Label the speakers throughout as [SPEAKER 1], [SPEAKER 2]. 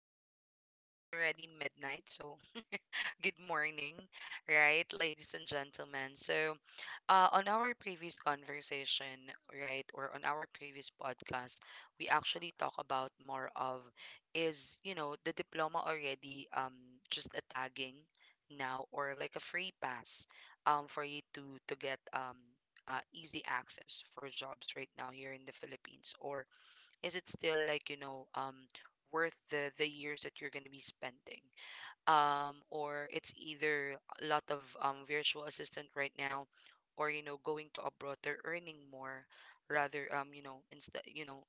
[SPEAKER 1] today. Well, it's already midnight, so good morning, right, ladies and gentlemen. So, on our previous conversation, right, or on our previous podcast, we actually talk about more of is, you know, the diploma already just a tagging now, or like a free pass for you to get easy access for jobs right now here in the Philippines. Or is it still like, you know, worth the years that you're going to be spending, or it's either a lot of virtual assistant right now, or, you know, going to abroad, they're earning more rather. You know, instead, you know,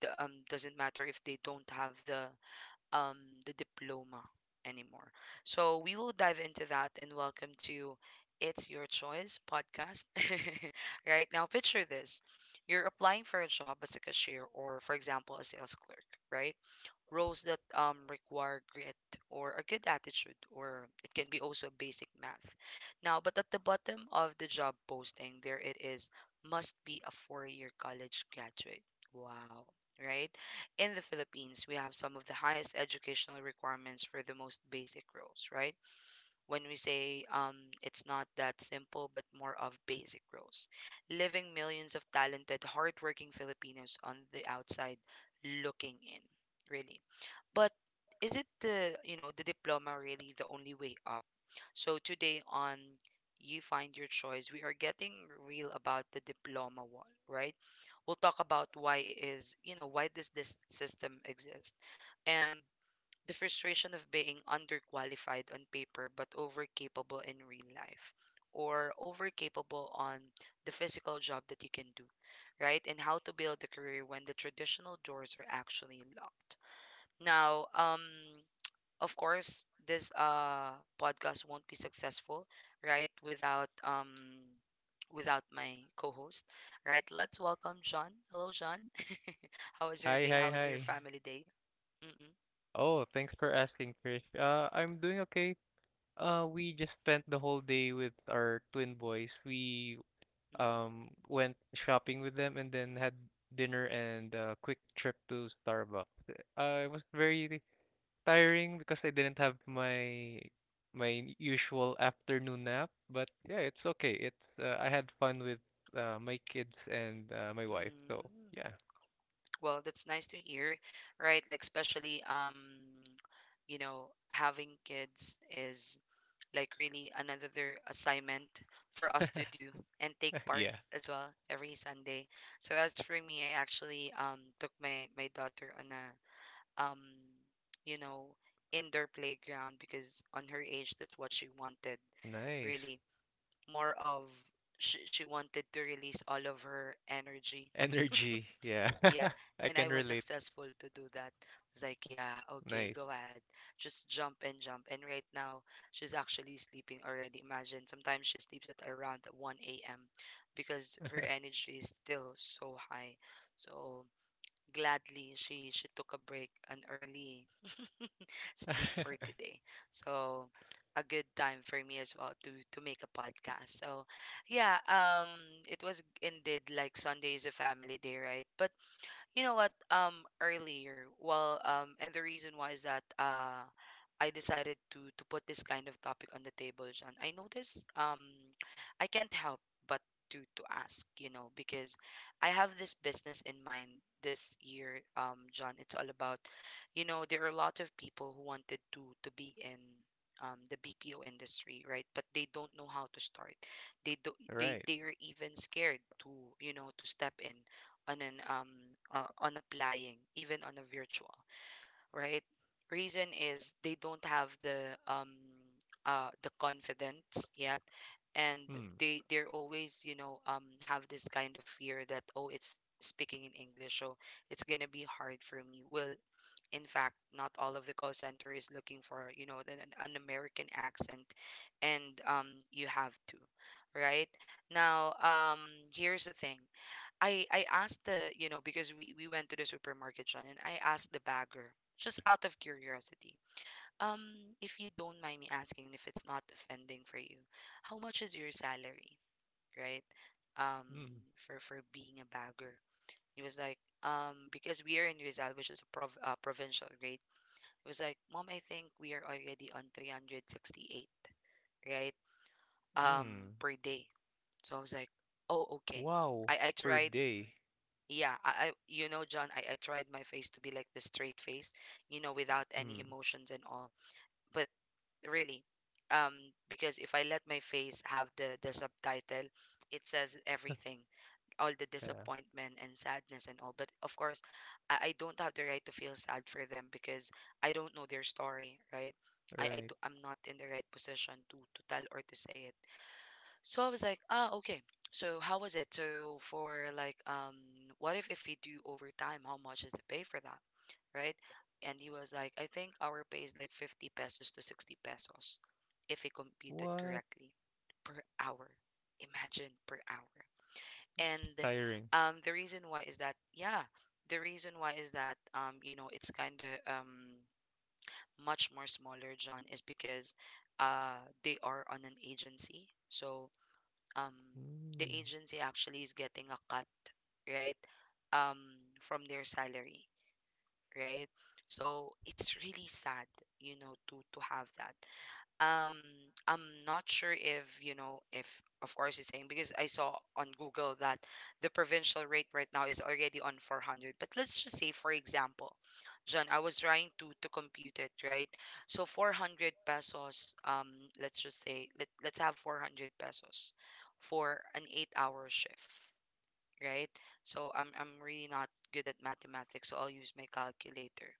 [SPEAKER 1] the doesn't matter if they don't have um, the diploma anymore. So we will dive into that, and welcome to It's Your Choice podcast. Right now, picture this: you're applying for a job as a cashier or, for example, a sales clerk, right? Roles that require grit or a good attitude, or it can be also basic math. Now, but at the bottom of the job posting, there it is: must be a 4 year college graduate. Wow. Right? In the Philippines, we have some of the highest educational requirements for the most basic roles, right? When we say it's not that simple, but more of basic roles. Living millions of talented, hardworking Filipinos on the outside looking in, really. But isn't the, you know, the diploma really the only way up? So today on You Find Your Choice, we are getting real about the diploma one, right? We'll talk about why is, you know, why does this system exist? And the frustration of being underqualified on paper but overcapable in real life, or overcapable on the physical job that you can do, right? And how to build a career when the traditional doors are actually locked. Now, um, of course, this podcast won't be successful, right, without my co-host, right? Let's welcome John. Hello, John. How was
[SPEAKER 2] Hi,
[SPEAKER 1] your day?
[SPEAKER 2] hi,
[SPEAKER 1] How was
[SPEAKER 2] hi.
[SPEAKER 1] your family day? Mm-mm,
[SPEAKER 2] Oh, thanks for asking, Trish. I'm doing okay. We just spent the whole day with our twin boys. We
[SPEAKER 1] mm-mm,
[SPEAKER 2] went shopping with them and then had dinner and a quick trip to Starbucks. It was very tiring because I didn't have my usual afternoon nap, but yeah, it's okay. It's I had fun with my kids and my wife. So,
[SPEAKER 1] mm.
[SPEAKER 2] yeah.
[SPEAKER 1] Well, that's nice to hear, right? Like, especially, you know, having kids is like really another assignment for us to do and take part
[SPEAKER 2] Yeah.
[SPEAKER 1] as well every Sunday. So as for me, I actually took my daughter on a um you know indoor playground, because on her age, that's what she wanted,
[SPEAKER 2] Nice.
[SPEAKER 1] really. More of, she wanted to release all of her energy,
[SPEAKER 2] Energy, yeah.
[SPEAKER 1] yeah,
[SPEAKER 2] I
[SPEAKER 1] and I
[SPEAKER 2] can
[SPEAKER 1] was
[SPEAKER 2] relate.
[SPEAKER 1] successful to do that. I was like, yeah, okay,
[SPEAKER 2] Nice.
[SPEAKER 1] go ahead. Just jump and jump. And right now, she's actually sleeping already. Imagine, sometimes she sleeps at around 1 a.m. because her energy is still so high. So gladly, she took a break, an early sleep for today. So a good time for me as well to make a podcast. So yeah, it was indeed like Sunday is a family day, right? But you know what? Earlier, well, and the reason why is that I decided to put this kind of topic on the table, John. I noticed, I can't help but to ask, you know, because I have this business in mind this year, John. It's all about, you know, there are a lot of people who wanted to be in, the BPO industry, right? But they don't know how to start. They do, they
[SPEAKER 2] Right.
[SPEAKER 1] they are even scared to, you know, to step in on an on applying even on a virtual, right? Reason is, they don't have the confidence yet. And
[SPEAKER 2] Hmm,
[SPEAKER 1] they're always, you know, have this kind of fear that, oh, it's speaking in English, so it's going to be hard for me. Well, in fact, not all of the call center is looking for, you know, an American accent. And you have to, right, now, um here's the thing. I asked the, you know, because we went to the supermarket, John, and I asked the bagger just out of curiosity. Um, if you don't mind me asking, if it's not offending for you, how much is your salary, right? Um,
[SPEAKER 2] hmm,
[SPEAKER 1] for being a bagger. He was like, because we are in Rizal, which is a provincial grade. It was like, Mom, I think we are already on 368, right? Um,
[SPEAKER 2] hmm.
[SPEAKER 1] per day. So I was like, oh, okay.
[SPEAKER 2] Wow.
[SPEAKER 1] I
[SPEAKER 2] Per
[SPEAKER 1] tried,
[SPEAKER 2] day.
[SPEAKER 1] yeah, I you know, John, I tried my face to be like the straight face, you know, without any
[SPEAKER 2] Hmm.
[SPEAKER 1] emotions and all. But really, um, because if I let my face have the subtitle, it says everything: all the
[SPEAKER 2] Yeah.
[SPEAKER 1] disappointment and sadness and all. But of course, I don't have the right to feel sad for them, because I don't know their story, right?
[SPEAKER 2] Right.
[SPEAKER 1] I'm not in the right position to tell or to say it. So I was like, ah, okay. So how was it? So for like, what if we do overtime, how much is the pay for that, right? And he was like, I think our pay is like 50 pesos to 60 pesos if we computed
[SPEAKER 2] What?
[SPEAKER 1] correctly, per hour. Imagine, per hour. And
[SPEAKER 2] Tiring.
[SPEAKER 1] the reason why is that, yeah, the reason why is that, you know, it's kind of much more smaller, John, is because uh they are on an agency. So um, the
[SPEAKER 2] Hmm.
[SPEAKER 1] agency actually is getting a cut, right? Um, from their salary, right? So it's really sad, you know, to have that, um. I'm not sure if, you know, if of course it's saying, because I saw on Google that the provincial rate right now is already on 400. But let's just say, for example, John, I was trying to compute it, right? So 400 pesos, um, let's just say, let's have 400 pesos for an 8 hour shift, right? So I'm really not good at mathematics, so I'll use my calculator.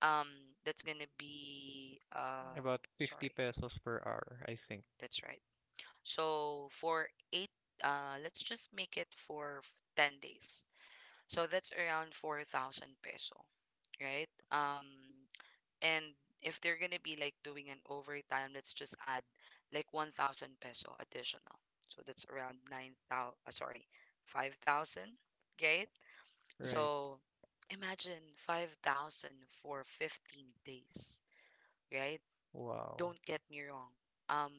[SPEAKER 1] Um, that's gonna be
[SPEAKER 2] About 50
[SPEAKER 1] sorry,
[SPEAKER 2] pesos per hour, I think.
[SPEAKER 1] that's right. So for eight, let's just make it for 10 days. So that's around 4,000 peso, right? And if they're gonna be like doing an overtime, let's just add like 1,000 peso additional. So that's around 5,000, right?
[SPEAKER 2] Right.
[SPEAKER 1] So imagine 5,000 for 15 days, right?
[SPEAKER 2] Wow.
[SPEAKER 1] Don't get me wrong. Um,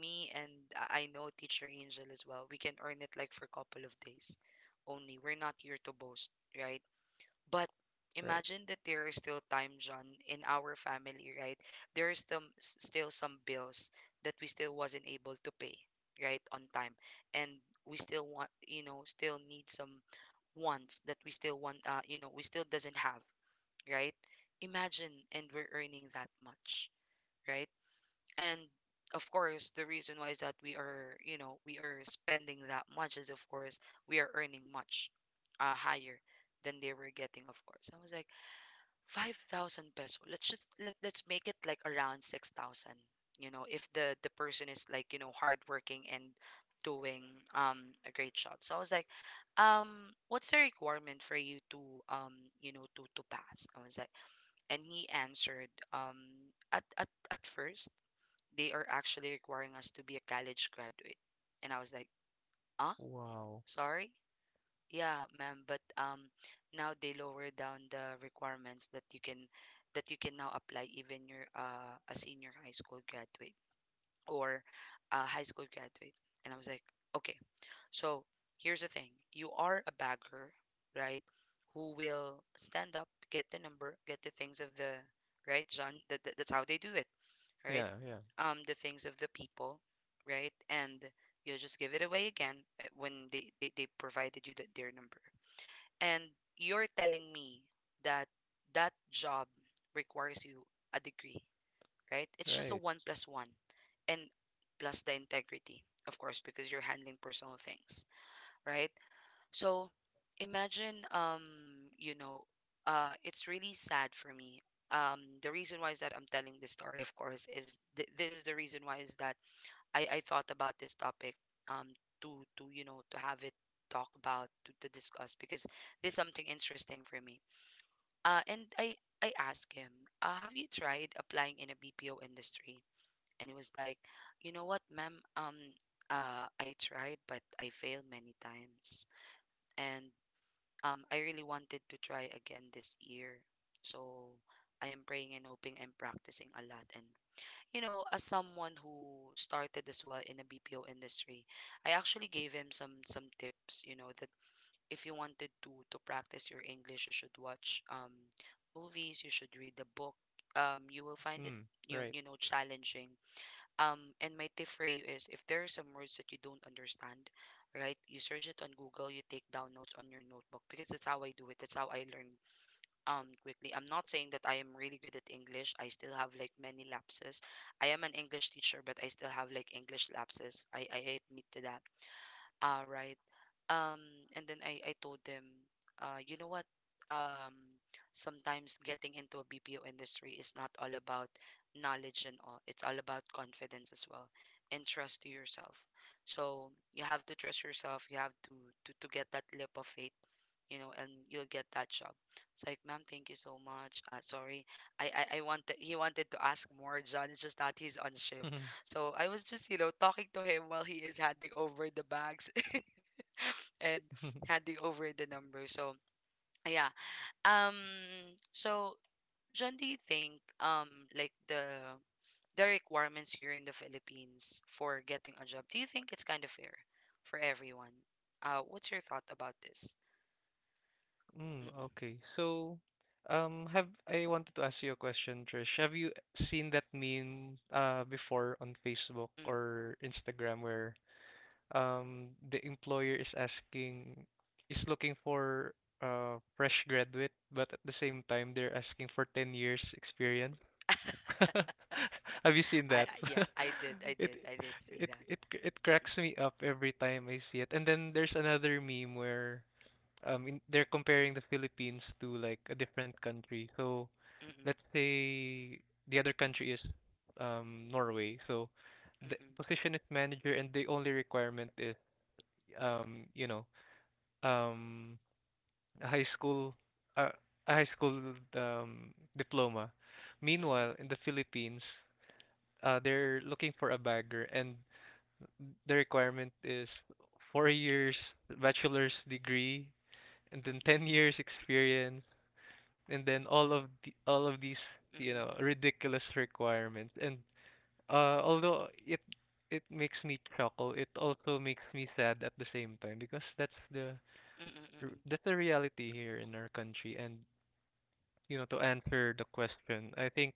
[SPEAKER 1] me and I know Teacher Angel as well. We can earn it like for a couple of days only. We're not here to boast, right? But
[SPEAKER 2] Right.
[SPEAKER 1] imagine that there is still time, John, in our family, right? There is some, still some bills that we still wasn't able to pay, right, on time. And we still want, you know, still need some wants that we still want, you know, we still doesn't have, right? Imagine, and we're earning that much, right? And of course, the reason why is that we are, you know, we are spending that much, is of course we are earning much, higher than they were getting. Of course, I was like, 5,000 peso, let's just let's make it like around 6,000, you know, if the person is like, you know, hardworking and doing, um, a great job. So I was like, um, what's the requirement for you to, um, you know, to pass? I was like, and he answered, um, at first, they are actually requiring us to be a college graduate. And I was like, huh?
[SPEAKER 2] Wow.
[SPEAKER 1] Sorry? Yeah, ma'am, but um, now they lower down the requirements that you can, that you can now apply even your a senior high school graduate or a high school graduate. And I was like, okay. So here's the thing. You are a bagger, right? Who will stand up, get the number, get the things of the, right, John? That's how they do it, right?
[SPEAKER 2] Yeah, yeah.
[SPEAKER 1] The things of the people, right? And you'll just give it away again, when they provided you the, their number. And you're telling me that that job requires you a degree, right? It's just a
[SPEAKER 2] Right.
[SPEAKER 1] one plus one and plus the integrity, of course, because you're handling personal things, right? So imagine, you know, it's really sad for me. The reason why is that I'm telling this story, of course, is this is the reason why is that I thought about this topic, um, to you know to have it talk about to discuss, because there's something interesting for me. And I asked him, have you tried applying in a BPO industry? And he was like, you know what, ma'am, I tried, but I failed many times and I really wanted to try again this year. So I am praying and hoping and practicing a lot. And, as someone who started as well in the BPO industry, I actually gave him some tips, that if you wanted to practice your English, you should watch movies, you should read the book. You will find it,
[SPEAKER 2] Hmm. Right.
[SPEAKER 1] challenging and my tip for you is if there are some words that you don't understand, right? You search it on Google, you take down notes on your notebook because that's how I do it. That's how I learn quickly. I'm not saying that I am really good at English. I still have like many lapses. I am an English teacher, but I still have like English lapses. I admit to that. Ah, right. Um, and then I told them, you know what? Um, Sometimes getting into a BPO industry is not all about knowledge and all. It's all about confidence as well and trust to yourself. So you have to trust yourself. You have to get that leap of faith, and you'll get that job. It's like, ma'am, thank you so much. Sorry, I wanted he wanted to ask more, John. It's just that he's on shift. So I was just, talking to him while he is handing over the bags and handing over the number. So yeah. Um so John, do you think like the requirements here in the Philippines for getting a job, do you think it's kind of fair for everyone? What's your thought about this?
[SPEAKER 2] Mm,
[SPEAKER 1] Mm-mm.
[SPEAKER 2] okay. So, have I wanted to ask you a question, Trish. Have you seen that meme before on Facebook
[SPEAKER 1] Mm.
[SPEAKER 2] or Instagram where the employer is asking is looking for fresh graduate, but at the same time they're asking for 10 years experience? Have you seen that?
[SPEAKER 1] Yeah, I did, I
[SPEAKER 2] It
[SPEAKER 1] did, I did see
[SPEAKER 2] it
[SPEAKER 1] that.
[SPEAKER 2] it it
[SPEAKER 1] Mm-mm.
[SPEAKER 2] cracks me up every time I see it. And then there's another meme where they're comparing the Philippines to like a different country. So
[SPEAKER 1] Mm-mm.
[SPEAKER 2] let's say the other country is Norway. So the
[SPEAKER 1] Mm-mm.
[SPEAKER 2] position is manager and the only requirement is um you know um a high school uh, a high school diploma.
[SPEAKER 1] Mm-mm.
[SPEAKER 2] Meanwhile, in the Philippines, they're looking for a bagger and the requirement is 4 years bachelor's degree and then 10 years experience and then all of these
[SPEAKER 1] Mm-mm. Mm-mm. Mm-mm.
[SPEAKER 2] ridiculous requirements. And although it makes me chuckle, it also makes me sad at the same time, because
[SPEAKER 1] Mm-mm. Mm-mm.
[SPEAKER 2] that's the reality here in our country. And to answer the question, I think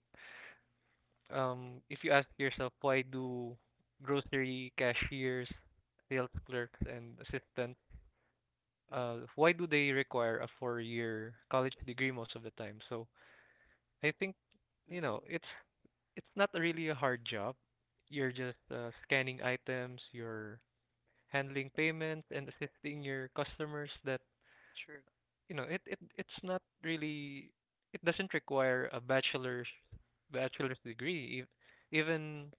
[SPEAKER 2] if you ask yourself, why do grocery cashiers, sales clerks and assistants,
[SPEAKER 1] Mm-mm.
[SPEAKER 2] why do they require a 4-year college degree most of the time? So I think, you know
[SPEAKER 1] Mm-mm.
[SPEAKER 2] it's It's not really a hard job. You're just scanning items, you're handling payments and assisting your customers, that,
[SPEAKER 1] True,
[SPEAKER 2] it it's not really, it doesn't require a bachelor's degree. Even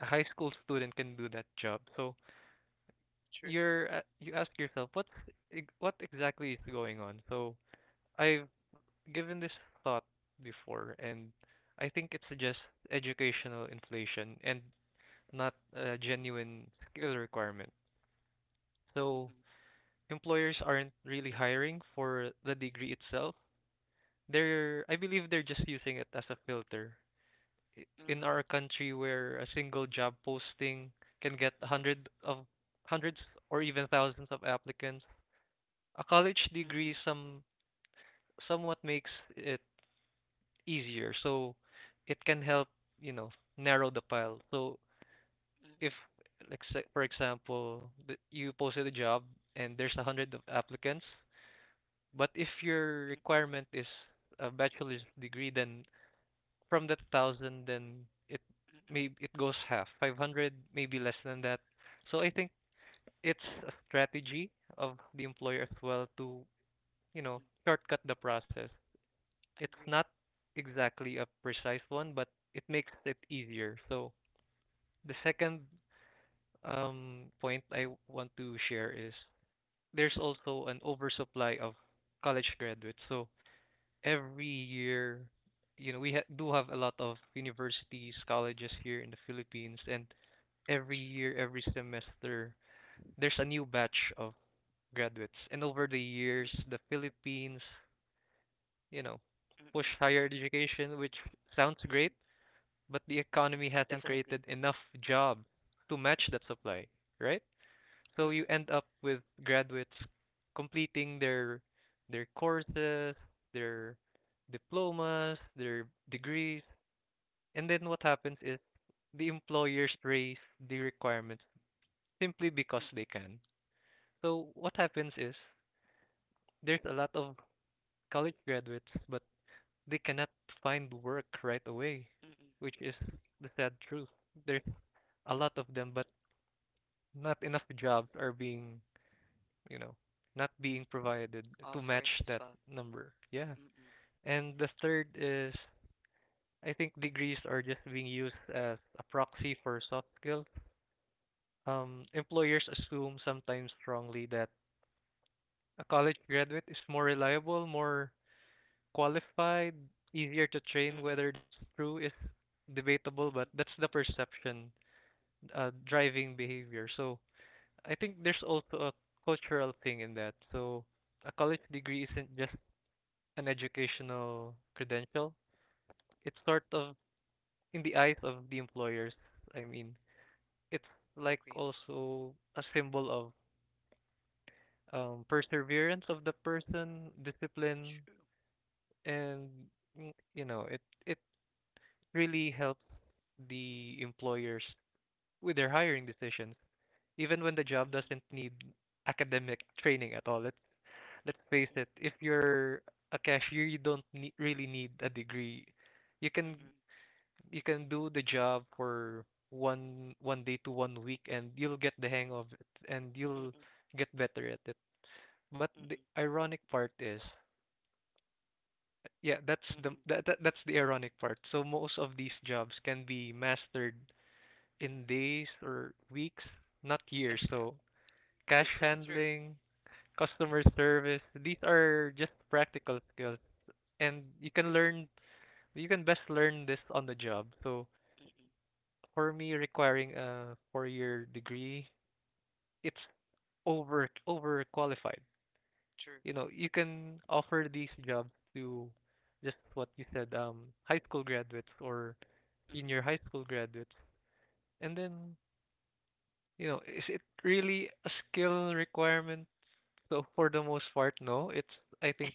[SPEAKER 2] a high school student can do that job. So
[SPEAKER 1] true.
[SPEAKER 2] you ask yourself what exactly is going on. So I've given this thought before, and I think it's just educational inflation and not a genuine skill requirement. So
[SPEAKER 1] Mm-mm.
[SPEAKER 2] employers aren't really hiring for the degree itself. I believe they're just using it as a filter. In
[SPEAKER 1] Mm-mm.
[SPEAKER 2] our country, where a single job posting can get hundreds or even thousands of applicants, a college
[SPEAKER 1] Mm-mm.
[SPEAKER 2] degree somewhat makes it easier. So it can help, you know, narrow the pile. So
[SPEAKER 1] Mm-mm.
[SPEAKER 2] if, like, say, for example, you posted a job and there's a hundred of applicants, but if your
[SPEAKER 1] Mm-mm.
[SPEAKER 2] requirement is a bachelor's degree, then from that thousand, then it
[SPEAKER 1] Mm-mm.
[SPEAKER 2] it goes half 500, maybe less than that. So I think it's a strategy of the employer as well to you know
[SPEAKER 1] Mm-mm.
[SPEAKER 2] shortcut the process. It's
[SPEAKER 1] Agree.
[SPEAKER 2] not exactly a precise one, but it makes it easier. So the second point I want to share is there's
[SPEAKER 1] Mm-mm.
[SPEAKER 2] also an oversupply of college graduates. So every year, we do have a lot of universities, colleges here in the Philippines, and every
[SPEAKER 1] True.
[SPEAKER 2] year, every semester, there's a new batch of graduates. And over the years,
[SPEAKER 1] Mm-mm.
[SPEAKER 2] the Philippines, you know, push
[SPEAKER 1] Mm-mm.
[SPEAKER 2] higher education, which sounds
[SPEAKER 1] Mm-mm.
[SPEAKER 2] great, but the economy hasn't
[SPEAKER 1] Definitely.
[SPEAKER 2] created enough jobs to match that supply, right? So you
[SPEAKER 1] Mm-mm.
[SPEAKER 2] end up with graduates completing their courses, their diplomas, their degrees, and then what happens is the employers raise the requirements simply because
[SPEAKER 1] Mm-mm.
[SPEAKER 2] they can. So what happens is there's a lot of college graduates, but they cannot find work right away,
[SPEAKER 1] Mm-mm.
[SPEAKER 2] which is the sad truth. There's a
[SPEAKER 1] Mm-mm.
[SPEAKER 2] lot of them, but not enough jobs are being, you know, not being provided to match
[SPEAKER 1] Offered as
[SPEAKER 2] that
[SPEAKER 1] well.
[SPEAKER 2] number. Yeah.
[SPEAKER 1] Mm-mm.
[SPEAKER 2] And the third is, I think degrees are just being used as a proxy for soft skills. Employers assume, sometimes strongly, that a college graduate is more reliable, more qualified, easier to train.
[SPEAKER 1] Mm-mm.
[SPEAKER 2] Whether that's true is debatable, but
[SPEAKER 1] Mm-mm.
[SPEAKER 2] that's the perception driving behavior. So I think there's also a cultural thing in that. So a college degree isn't just an educational credential. It's sort of in the eyes of the employers. I mean, it's like
[SPEAKER 1] Agree.
[SPEAKER 2] also a symbol of perseverance of the person, discipline,
[SPEAKER 1] True.
[SPEAKER 2] and it really helps the employers with their hiring decisions, even when the job
[SPEAKER 1] Mm-mm.
[SPEAKER 2] doesn't need academic training at all. Let's face
[SPEAKER 1] Mm-mm.
[SPEAKER 2] it, if you're a cashier, you don't need, really need, a degree. You can
[SPEAKER 1] Mm-mm.
[SPEAKER 2] you can do the job for one day to one week, and you'll get the hang of it, and you'll
[SPEAKER 1] Mm-mm.
[SPEAKER 2] get better at it. But the
[SPEAKER 1] Mm-mm.
[SPEAKER 2] ironic part is, yeah,
[SPEAKER 1] Mm-mm.
[SPEAKER 2] that's the ironic part. So most of these jobs can be mastered in days or weeks, not
[SPEAKER 1] It,
[SPEAKER 2] years. So cash
[SPEAKER 1] which is true.
[SPEAKER 2] handling, customer service, these are just practical skills, and you can best learn this on the job. So
[SPEAKER 1] Mm-mm.
[SPEAKER 2] for me, requiring a 4-year degree, it's overqualified.
[SPEAKER 1] True.
[SPEAKER 2] You know, you can offer these jobs to just what you said, high school graduates or
[SPEAKER 1] Mm-mm.
[SPEAKER 2] senior high school graduates. And then, is it really a skill requirement? So for the most part, no. It's I think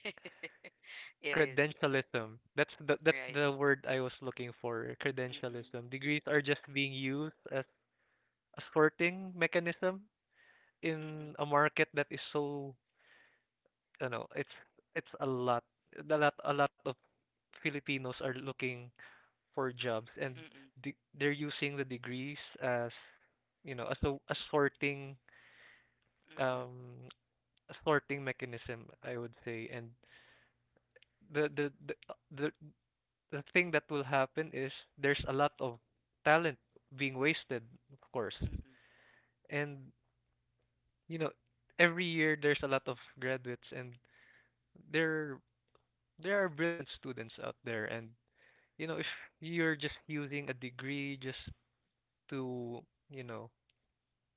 [SPEAKER 1] It is.
[SPEAKER 2] credentialism. That's
[SPEAKER 1] Right.
[SPEAKER 2] the word I was looking for.
[SPEAKER 1] Mm-mm.
[SPEAKER 2] Credentialism. Degrees are just being used as a sorting mechanism
[SPEAKER 1] Mm-mm.
[SPEAKER 2] in a market that is so. You know, it's it's a lot of Filipinos are looking for jobs, and
[SPEAKER 1] Mm-mm.
[SPEAKER 2] they're using the degrees as, as a sorting,
[SPEAKER 1] Mm-mm.
[SPEAKER 2] um a sorting mechanism, I would say. And the the the the, the thing that will happen is there's a lot of talent being wasted, of course.
[SPEAKER 1] Mm-mm.
[SPEAKER 2] And you know every year there's a lot of graduates, and there there are brilliant students out there. And, if you're just using a degree just to, you know,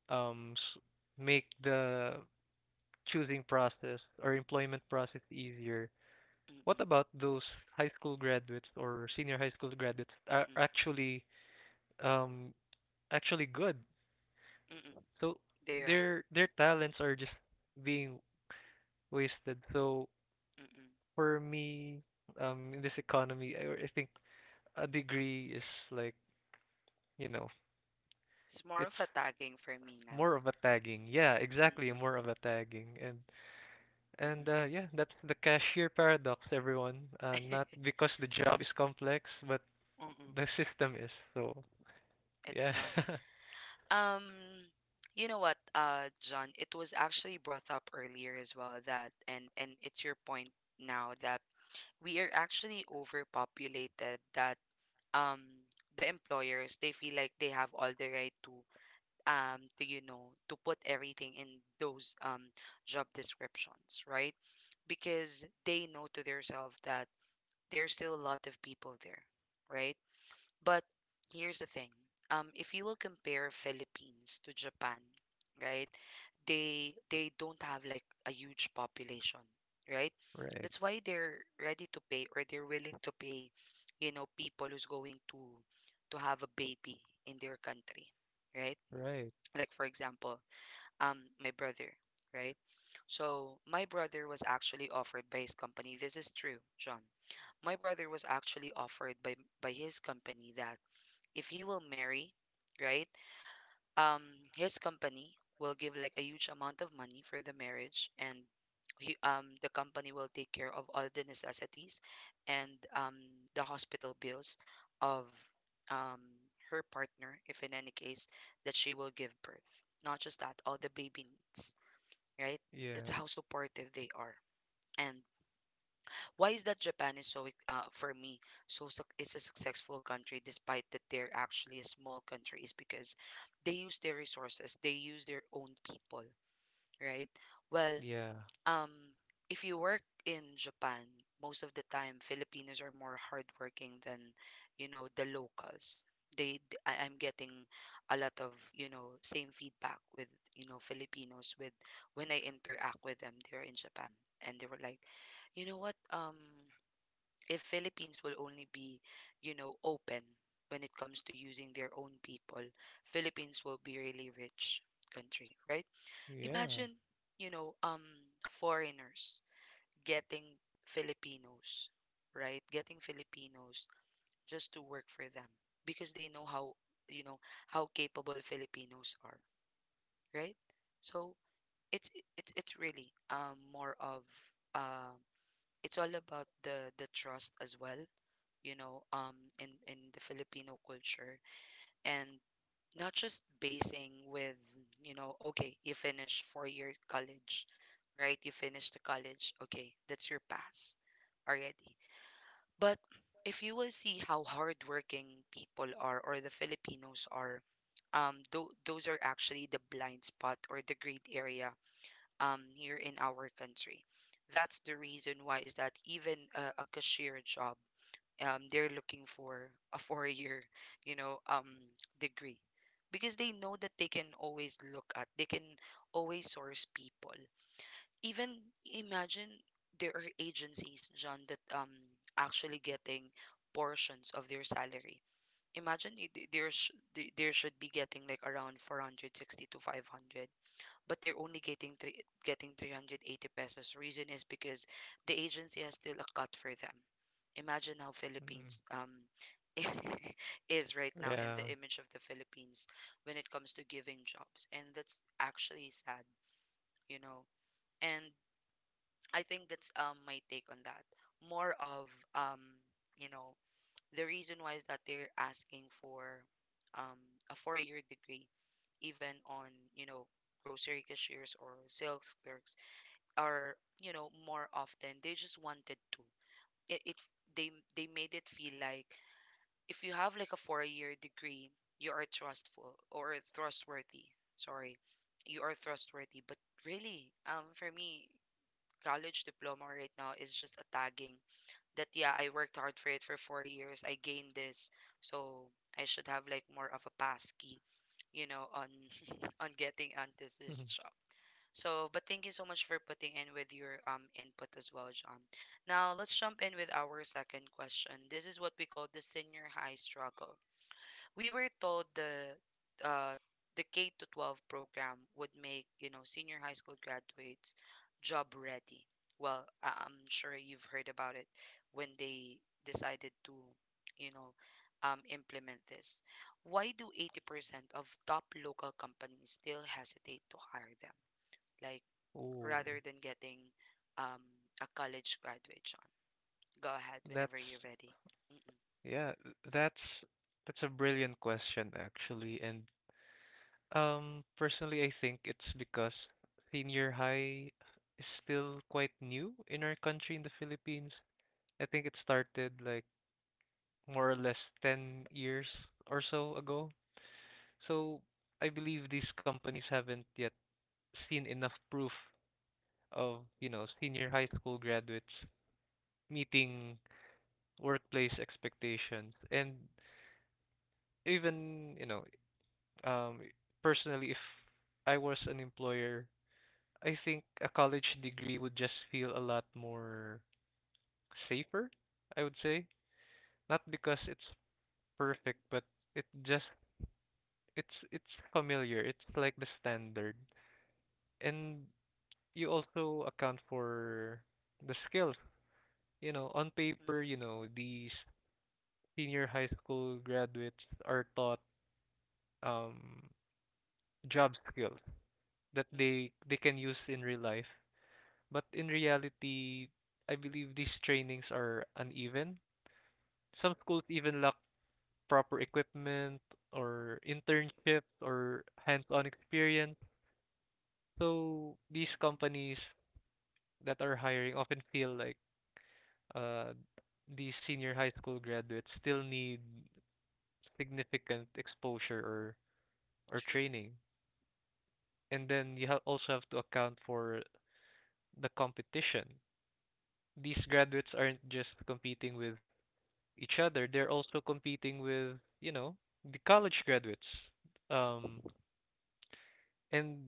[SPEAKER 2] um, s- make the choosing process or employment process easier,
[SPEAKER 1] Mm-mm.
[SPEAKER 2] what
[SPEAKER 1] Mm-mm.
[SPEAKER 2] about those high school graduates or senior high school graduates are
[SPEAKER 1] Mm-mm.
[SPEAKER 2] um actually good?
[SPEAKER 1] Mm-mm.
[SPEAKER 2] So
[SPEAKER 1] There.
[SPEAKER 2] their talents are just being wasted. So
[SPEAKER 1] Mm-mm.
[SPEAKER 2] for me, in this economy, I think a degree is, like, you know,
[SPEAKER 1] It's more
[SPEAKER 2] it's
[SPEAKER 1] of a tagging for me now.
[SPEAKER 2] more of a tagging. Yeah, exactly.
[SPEAKER 1] Mm-mm.
[SPEAKER 2] More of a tagging. And yeah, that's the cashier paradox, everyone. Not
[SPEAKER 1] Mm-mm.
[SPEAKER 2] because the job is complex, but
[SPEAKER 1] Mm-mm.
[SPEAKER 2] the system is. So
[SPEAKER 1] It's
[SPEAKER 2] yeah.
[SPEAKER 1] not. Um, you know what, John, it was actually brought up earlier as well that and it's your point now that we are actually overpopulated that um the employers they feel like they have all the right to to put everything in those job descriptions, right? Because they know to themselves that there's still a lot of people there, right? But here's the thing. If you will compare Philippines to Japan, right? They don't have like a huge population, right?
[SPEAKER 2] Right.
[SPEAKER 1] That's why they're ready to pay or they're willing to pay, people who's going to have a baby in their country, right?
[SPEAKER 2] Right.
[SPEAKER 1] Like for example, my brother, right? So my brother was actually offered by his company. This is true, John. My brother was actually offered by his company that if he will marry, right? Um his company will give like a huge amount of money for the marriage and the company will take care of all the necessities and the hospital bills of um her partner if in any case that she will give birth. Not just that, all the baby needs, right? That's
[SPEAKER 2] Yeah.
[SPEAKER 1] how supportive they are. And why is that Japan is for me, so suc it's a successful country despite that they're actually a small country is because they use their resources, they use their own people, right? Well,
[SPEAKER 2] Yeah.
[SPEAKER 1] um, if you work in Japan, most of the time Filipinos are more hardworking than the locals. I am getting a lot of same feedback with Filipinos with when I interact with them there in Japan, and they were like, you know what? If Philippines will only be, open when it comes to using their own people, Philippines will be really rich country, right?
[SPEAKER 2] Yeah.
[SPEAKER 1] Imagine, you know, um foreigners getting Filipinos, right? Getting Filipinos just to work for them because they know you know, how capable Filipinos are, right? So it's it's really more of um it's all about the trust as well, in the Filipino culture, and not just basing with, okay, you finish four-year college, right? You finish the college, okay, that's your pass already. But if you will see how hardworking people are or the Filipinos are, those are actually the blind spot or the great area here in our country. That's the reason why is that even a cashier job they're looking for a four-year, you know, um, degree because they know that they can always look at, they can always source people. Even imagine there are agencies, John, that actually getting portions of their salary. Imagine there should be getting like around 460 to 500 but they are only getting 380 pesos. Reason is because the agency has still a cut for them. Imagine how
[SPEAKER 2] Mm.
[SPEAKER 1] Philippines is right now and
[SPEAKER 2] Yeah.
[SPEAKER 1] the image of the Philippines when it comes to giving jobs. And that's actually sad, you know. And I think that's my take on that. More of um, you know, the reason why is that they're asking for um a 4-year degree even on, you know, grocery cashiers or sales clerks or more often they just wanted to it, it they made it feel like if you have like a 4-year degree you are trustful or trustworthy, sorry, you are trustworthy but really for me college diploma right now is just a tagging that yeah I worked hard for it for 4 years I gained this so I should have like more of a pass key on on getting onto this job so, but thank you so much for putting in with your input as well, John. Now, let's jump in with our second question. This is what we call the senior high struggle. We were told uh the K to 12 program would make, senior high school graduates job ready. Well, I'm sure you've heard about it when they decided to, you know, implement this. Why do 80% of top local companies still hesitate to hire them? Like
[SPEAKER 2] Oh,
[SPEAKER 1] rather than getting um, a college graduate, John. Go ahead whenever
[SPEAKER 2] that's
[SPEAKER 1] you're ready. Mm-mm.
[SPEAKER 2] yeah, that's that's a brilliant question, actually, and personally, I think it's because senior high is still quite new in our country, in the Philippines. I think it started like more or less 10 years or so ago. So I believe these companies haven't yet seen enough proof of, senior high school graduates meeting workplace expectations. And even, um, personally, if I was an employer, I think a college degree would just feel a lot more safer, I would say. Not because it's
[SPEAKER 1] Mm-mm.
[SPEAKER 2] perfect, but it just it's familiar. It's like the standard. And you also account for the skills. On paper,
[SPEAKER 1] Mm-mm.
[SPEAKER 2] these senior high school graduates are taught um job skills that
[SPEAKER 1] Mm-mm.
[SPEAKER 2] they can use in real life. But in
[SPEAKER 1] Mm-mm.
[SPEAKER 2] reality, I believe these trainings are uneven. Some schools even lack proper equipment or internships or hands-on experience. So these
[SPEAKER 1] Mm-mm.
[SPEAKER 2] companies that are hiring often feel like uh, these senior high school graduates still need significant exposure or
[SPEAKER 1] True.
[SPEAKER 2] training. And then you also have to account for the competition. These graduates aren't just competing with each other; they're also competing with the college graduates. Um,
[SPEAKER 1] Mm-mm.
[SPEAKER 2] and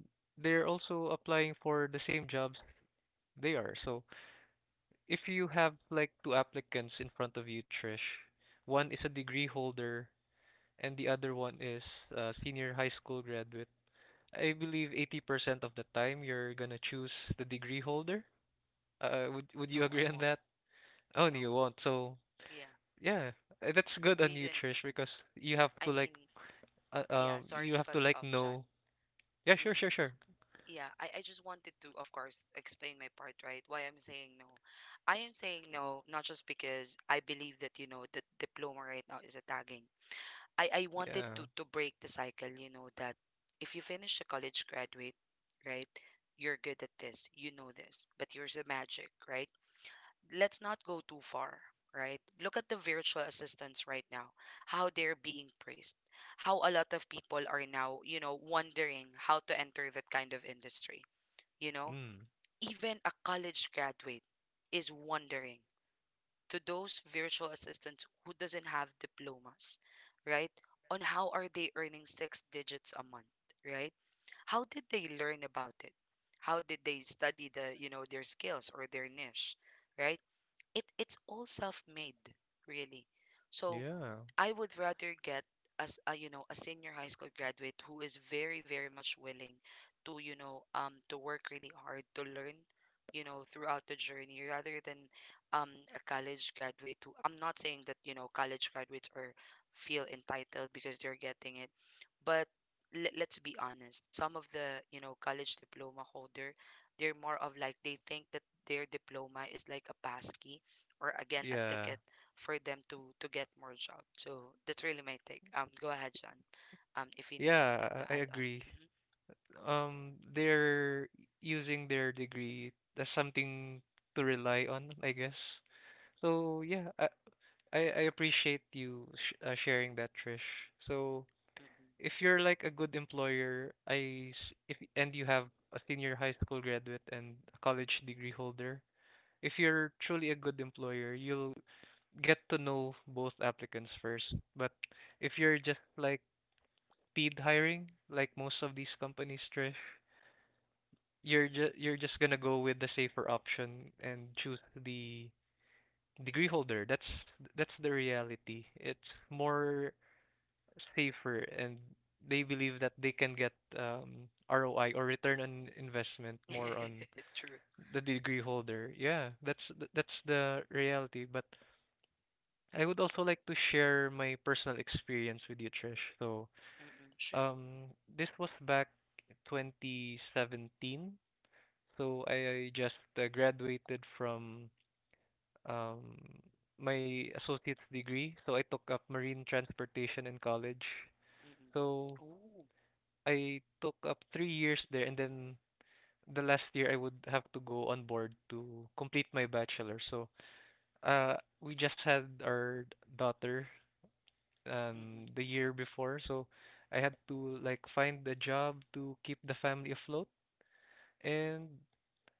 [SPEAKER 2] they're also applying for the same jobs they are. So if you have, like, two applicants in front of you, Trish, one is a degree
[SPEAKER 1] Mm-mm.
[SPEAKER 2] holder and the other one is a senior high school graduate. I believe 80% of the time you're gonna choose the degree holder. Would you
[SPEAKER 1] No, I
[SPEAKER 2] agree on
[SPEAKER 1] won't.
[SPEAKER 2] that? Oh, no,
[SPEAKER 1] No.
[SPEAKER 2] you won't. So
[SPEAKER 1] Yeah.
[SPEAKER 2] yeah, that's good on you,
[SPEAKER 1] Reason,
[SPEAKER 2] Trish, because you have to
[SPEAKER 1] I
[SPEAKER 2] like,
[SPEAKER 1] mean, yeah, sorry
[SPEAKER 2] you
[SPEAKER 1] to
[SPEAKER 2] have
[SPEAKER 1] cut
[SPEAKER 2] to
[SPEAKER 1] you
[SPEAKER 2] like
[SPEAKER 1] off, John.
[SPEAKER 2] know. Yeah, sure, sure,
[SPEAKER 1] Mm-mm.
[SPEAKER 2] sure.
[SPEAKER 1] Yeah, I just wanted to, of course, explain my part, right? Why I'm saying no. I am saying no, not just because I believe that, the diploma right now is a tagging. I wanted
[SPEAKER 2] Yeah.
[SPEAKER 1] to break the cycle, that if you finish a college graduate, right, you're good at this, you know this, but here's the magic, right? Let's not go too far, right? Look at the virtual assistants right now, how they're being praised, how a lot of people are now, wondering how to enter that kind of industry, you know?
[SPEAKER 2] Mm.
[SPEAKER 1] Even a college graduate is wondering to those virtual assistants who doesn't have diplomas, right? On how are they earning six digits a month, right? How did they learn about it? How did they study their skills or their niche, right? It's all self-made, really. So
[SPEAKER 2] Yeah.
[SPEAKER 1] I would rather get as a you know a senior high school graduate who is very very much willing to you know to work really hard to learn throughout the journey rather than a college graduate who I'm not saying that college graduates are feel entitled because they're getting it but let's be honest some of the college diploma holder they're more of like they think that their diploma is like a pass key or again a
[SPEAKER 2] Yeah.
[SPEAKER 1] ticket for them to get more job. So that's really my take. Go ahead, John. If you need something to
[SPEAKER 2] Yeah, I
[SPEAKER 1] add on.
[SPEAKER 2] agree.
[SPEAKER 1] Mm-mm.
[SPEAKER 2] They're using their degree as something to rely on, I guess. So yeah, I appreciate you sh sharing that, Trish. So if you're like a good employer, I s- if and you have a senior high school graduate and a college degree holder, if you're truly a good employer, you'll get to know both applicants first. But if you're just like speed hiring, like most of these companies, Trish,
[SPEAKER 1] Mm-mm.
[SPEAKER 2] you're just gonna go with the safer option and choose the degree holder. That's the reality. It's more safer, and they believe
[SPEAKER 1] Mm-mm.
[SPEAKER 2] that they can get ROI or return on investment more on
[SPEAKER 1] Mm-mm. True.
[SPEAKER 2] the degree holder. Yeah, that's the reality. But I would also like to share my personal experience with you, Trish.
[SPEAKER 1] Mm-mm. Sure.
[SPEAKER 2] Um, this was back 2017. So I just graduated from um, my associate's degree. So I took up marine transportation in college.
[SPEAKER 1] Mm-mm.
[SPEAKER 2] So
[SPEAKER 1] Ooh.
[SPEAKER 2] I took up 3 years there, and then the last year I would have to go on board to complete my bachelor. So uh, we just had our daughter
[SPEAKER 1] Mm-mm.
[SPEAKER 2] the year before. So I had to like find a job to keep the family
[SPEAKER 1] Mm-mm.
[SPEAKER 2] afloat,
[SPEAKER 1] Mm-mm.
[SPEAKER 2] and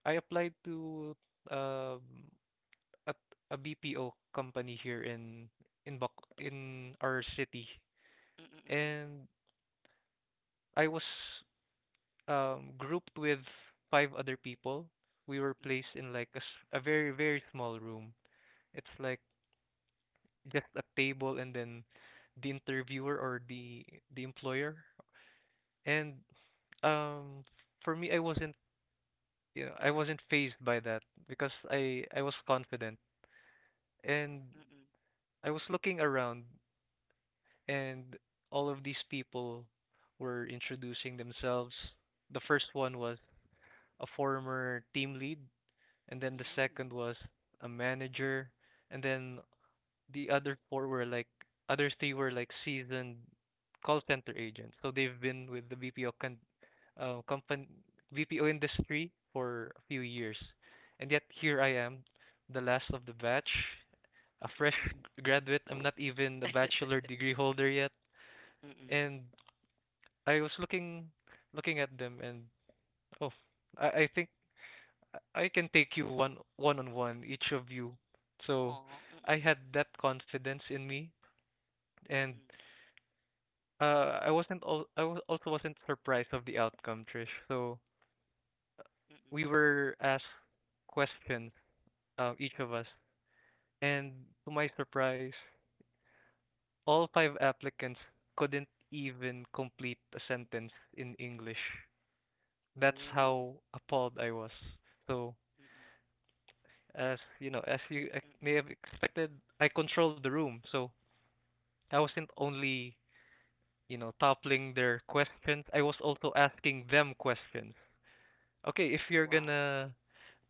[SPEAKER 2] I applied to um, at a BPO company here in Bac in our city,
[SPEAKER 1] Mm-mm. Mm-mm.
[SPEAKER 2] and I was grouped with five other people. We were placed in like a very small room. It's like just a table and then the interviewer or the employer. And um, for me, I wasn't I wasn't phased by that because I was confident, and
[SPEAKER 1] Mm-mm.
[SPEAKER 2] I was looking around, and all of these people were introducing themselves. The first one was a former team lead, and then the
[SPEAKER 1] Mm-mm.
[SPEAKER 2] second was a manager, and then the other four were like other three were like seasoned call center agents. So they've been with the BPO con- uh, company BPO industry for a few years. And yet here I am, the last of the batch, a
[SPEAKER 1] Mm-mm.
[SPEAKER 2] fresh
[SPEAKER 1] Mm-mm.
[SPEAKER 2] graduate. I'm not even a bachelor degree holder yet,
[SPEAKER 1] Mm-mm.
[SPEAKER 2] and I was looking at them, and oh, I think I can take you one on one, each of you. So
[SPEAKER 1] Aw.
[SPEAKER 2] I
[SPEAKER 1] Mm-mm.
[SPEAKER 2] had that confidence in me, and
[SPEAKER 1] Mm-mm.
[SPEAKER 2] I was also wasn't surprised of the outcome, Trish. So
[SPEAKER 1] Mm-mm.
[SPEAKER 2] we were asked questions, each of us, and to my surprise, all five applicants couldn't even complete a sentence in English. That's
[SPEAKER 1] Ooh.
[SPEAKER 2] how appalled I was. So,
[SPEAKER 1] Mm-mm.
[SPEAKER 2] as you know, may have
[SPEAKER 1] Mm-mm.
[SPEAKER 2] expected, I controlled the room. So, I wasn't only, toppling their questions, I was also asking them questions. Okay, if you're
[SPEAKER 1] Wow.
[SPEAKER 2] gonna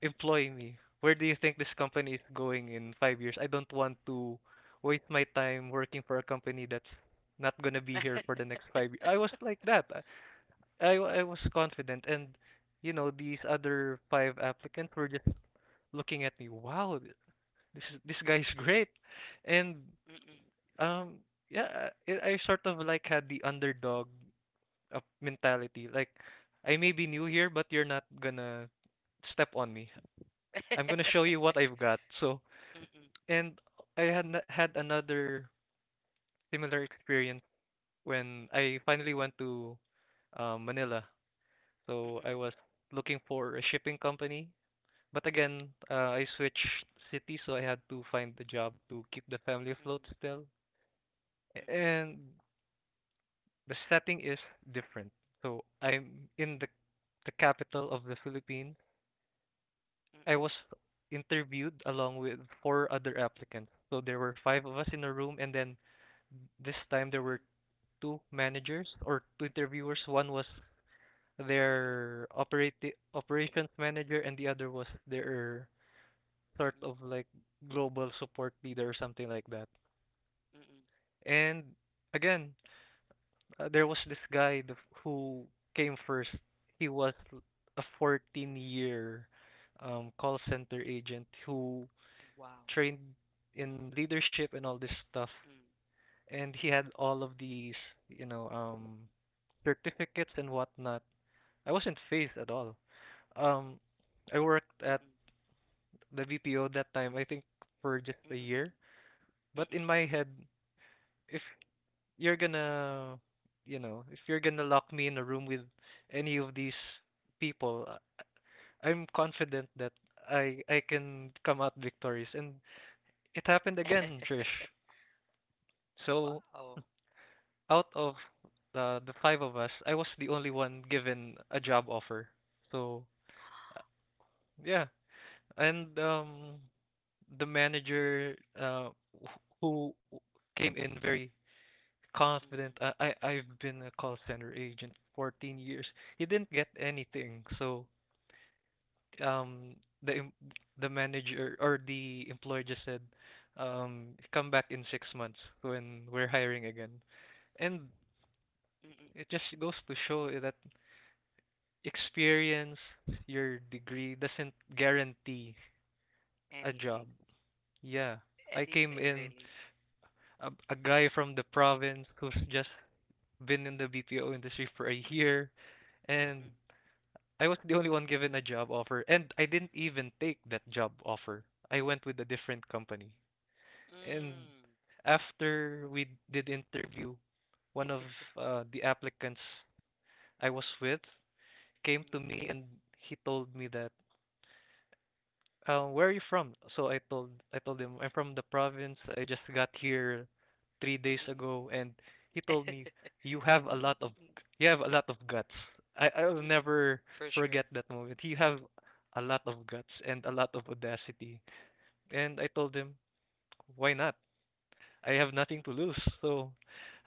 [SPEAKER 2] employ me, where do you think this company is going in 5 years? I don't want to waste my time working for a company that's not gonna be here for the next 5 years. I was like that. I was confident, and you know these other five applicants were just looking at me. Wow, this is, this guy's great, and um yeah, I sort of like had the underdog mentality. Like I may be new
[SPEAKER 1] Mm-mm.
[SPEAKER 2] here, but you're not gonna step on me.
[SPEAKER 1] Mm-mm.
[SPEAKER 2] I'm gonna show you what I've got. So
[SPEAKER 1] Mm-mm.
[SPEAKER 2] and I had had another similar experience when I finally went to Manila.
[SPEAKER 1] Mm-mm.
[SPEAKER 2] So
[SPEAKER 1] Mm-mm.
[SPEAKER 2] I
[SPEAKER 1] Mm-mm.
[SPEAKER 2] was looking for a shipping company. But again, I switched city, so I had to find a job to keep the family afloat
[SPEAKER 1] Mm-mm.
[SPEAKER 2] still.
[SPEAKER 1] Mm-mm.
[SPEAKER 2] And the setting is different. So I'm in the capital of the Philippines. I
[SPEAKER 1] Mm-mm.
[SPEAKER 2] was interviewed along with four other applicants. So there were five of us in a room, and then this time there
[SPEAKER 1] Mm-mm.
[SPEAKER 2] were two managers or two interviewers. One was
[SPEAKER 1] Mm-mm.
[SPEAKER 2] their operations manager, and the other was their sort
[SPEAKER 1] Mm-mm.
[SPEAKER 2] of like global support leader or something like that.
[SPEAKER 1] Mm-mm.
[SPEAKER 2] And again, there was this who came first. He was a 14 year call center agent who
[SPEAKER 1] Wow.
[SPEAKER 2] trained in leadership and all this stuff.
[SPEAKER 1] Mm.
[SPEAKER 2] And he had all of these, you know, um, certificates and whatnot. I wasn't phased at all. Um, I worked at
[SPEAKER 1] Mm-mm.
[SPEAKER 2] the VPO that time, I think for just a
[SPEAKER 1] Mm-mm.
[SPEAKER 2] year.
[SPEAKER 1] Mm-mm.
[SPEAKER 2] But in
[SPEAKER 1] Mm-mm.
[SPEAKER 2] my head, if you're gonna, if you're gonna lock me in a room with any of these people, I'm confident that I can come out victorious. And it happened again, Trish. So
[SPEAKER 1] Wow.
[SPEAKER 2] out of the five of us, I was the only one given a job offer. So uh, yeah, and the manager who came in very confident.
[SPEAKER 1] Mm-mm.
[SPEAKER 2] I've been a call center agent for 14 years. He didn't get anything. So um the em- the manager or the employer just said come back in 6 months when we're hiring again. And
[SPEAKER 1] Mm-mm.
[SPEAKER 2] it just goes to show that experience, your degree doesn't guarantee a
[SPEAKER 1] Anything.
[SPEAKER 2] job. Yeah. I came
[SPEAKER 1] Anything,
[SPEAKER 2] in
[SPEAKER 1] really.
[SPEAKER 2] a guy from the province who's just been in the BPO industry for a year, and
[SPEAKER 1] Mm-mm.
[SPEAKER 2] I was the only one given a job offer, and I didn't even take that job offer. I went with a different company. And
[SPEAKER 1] Mm.
[SPEAKER 2] after we did interview, one of the applicants I was with came to
[SPEAKER 1] Mm-mm.
[SPEAKER 2] me and he told me that where are you from? So I told him I'm from the province. I just got here three
[SPEAKER 1] Mm-mm.
[SPEAKER 2] days ago,
[SPEAKER 1] Mm-mm.
[SPEAKER 2] and he told me you have a
[SPEAKER 1] Mm-mm.
[SPEAKER 2] lot of
[SPEAKER 1] Mm-mm.
[SPEAKER 2] you have a lot of guts. I I'll
[SPEAKER 1] Mm-mm.
[SPEAKER 2] never
[SPEAKER 1] For sure.
[SPEAKER 2] forget that moment. You have a lot of guts and a lot of audacity. And I told him, why not? I have nothing to
[SPEAKER 1] Mm-mm.
[SPEAKER 2] lose, so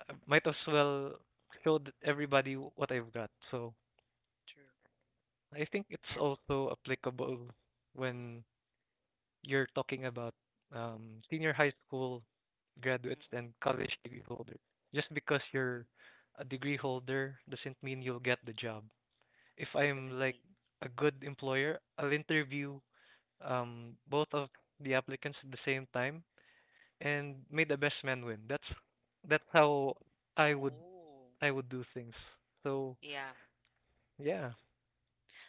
[SPEAKER 2] I might as well show everybody what I've got. So
[SPEAKER 1] True.
[SPEAKER 2] I think it's
[SPEAKER 1] And
[SPEAKER 2] also applicable when you're talking about senior high school graduates
[SPEAKER 1] mm-mm,
[SPEAKER 2] and college degree holder. Just because
[SPEAKER 1] mm-mm.
[SPEAKER 2] you're a degree holder doesn't mean you'll get the job. If I'm like
[SPEAKER 1] Definitely.
[SPEAKER 2] a good employer, I'll interview both of the applicants at the same time
[SPEAKER 1] Mm-mm.
[SPEAKER 2] and may the best man win. That's how I would
[SPEAKER 1] Oh,
[SPEAKER 2] I would do things. So
[SPEAKER 1] yeah.
[SPEAKER 2] yeah,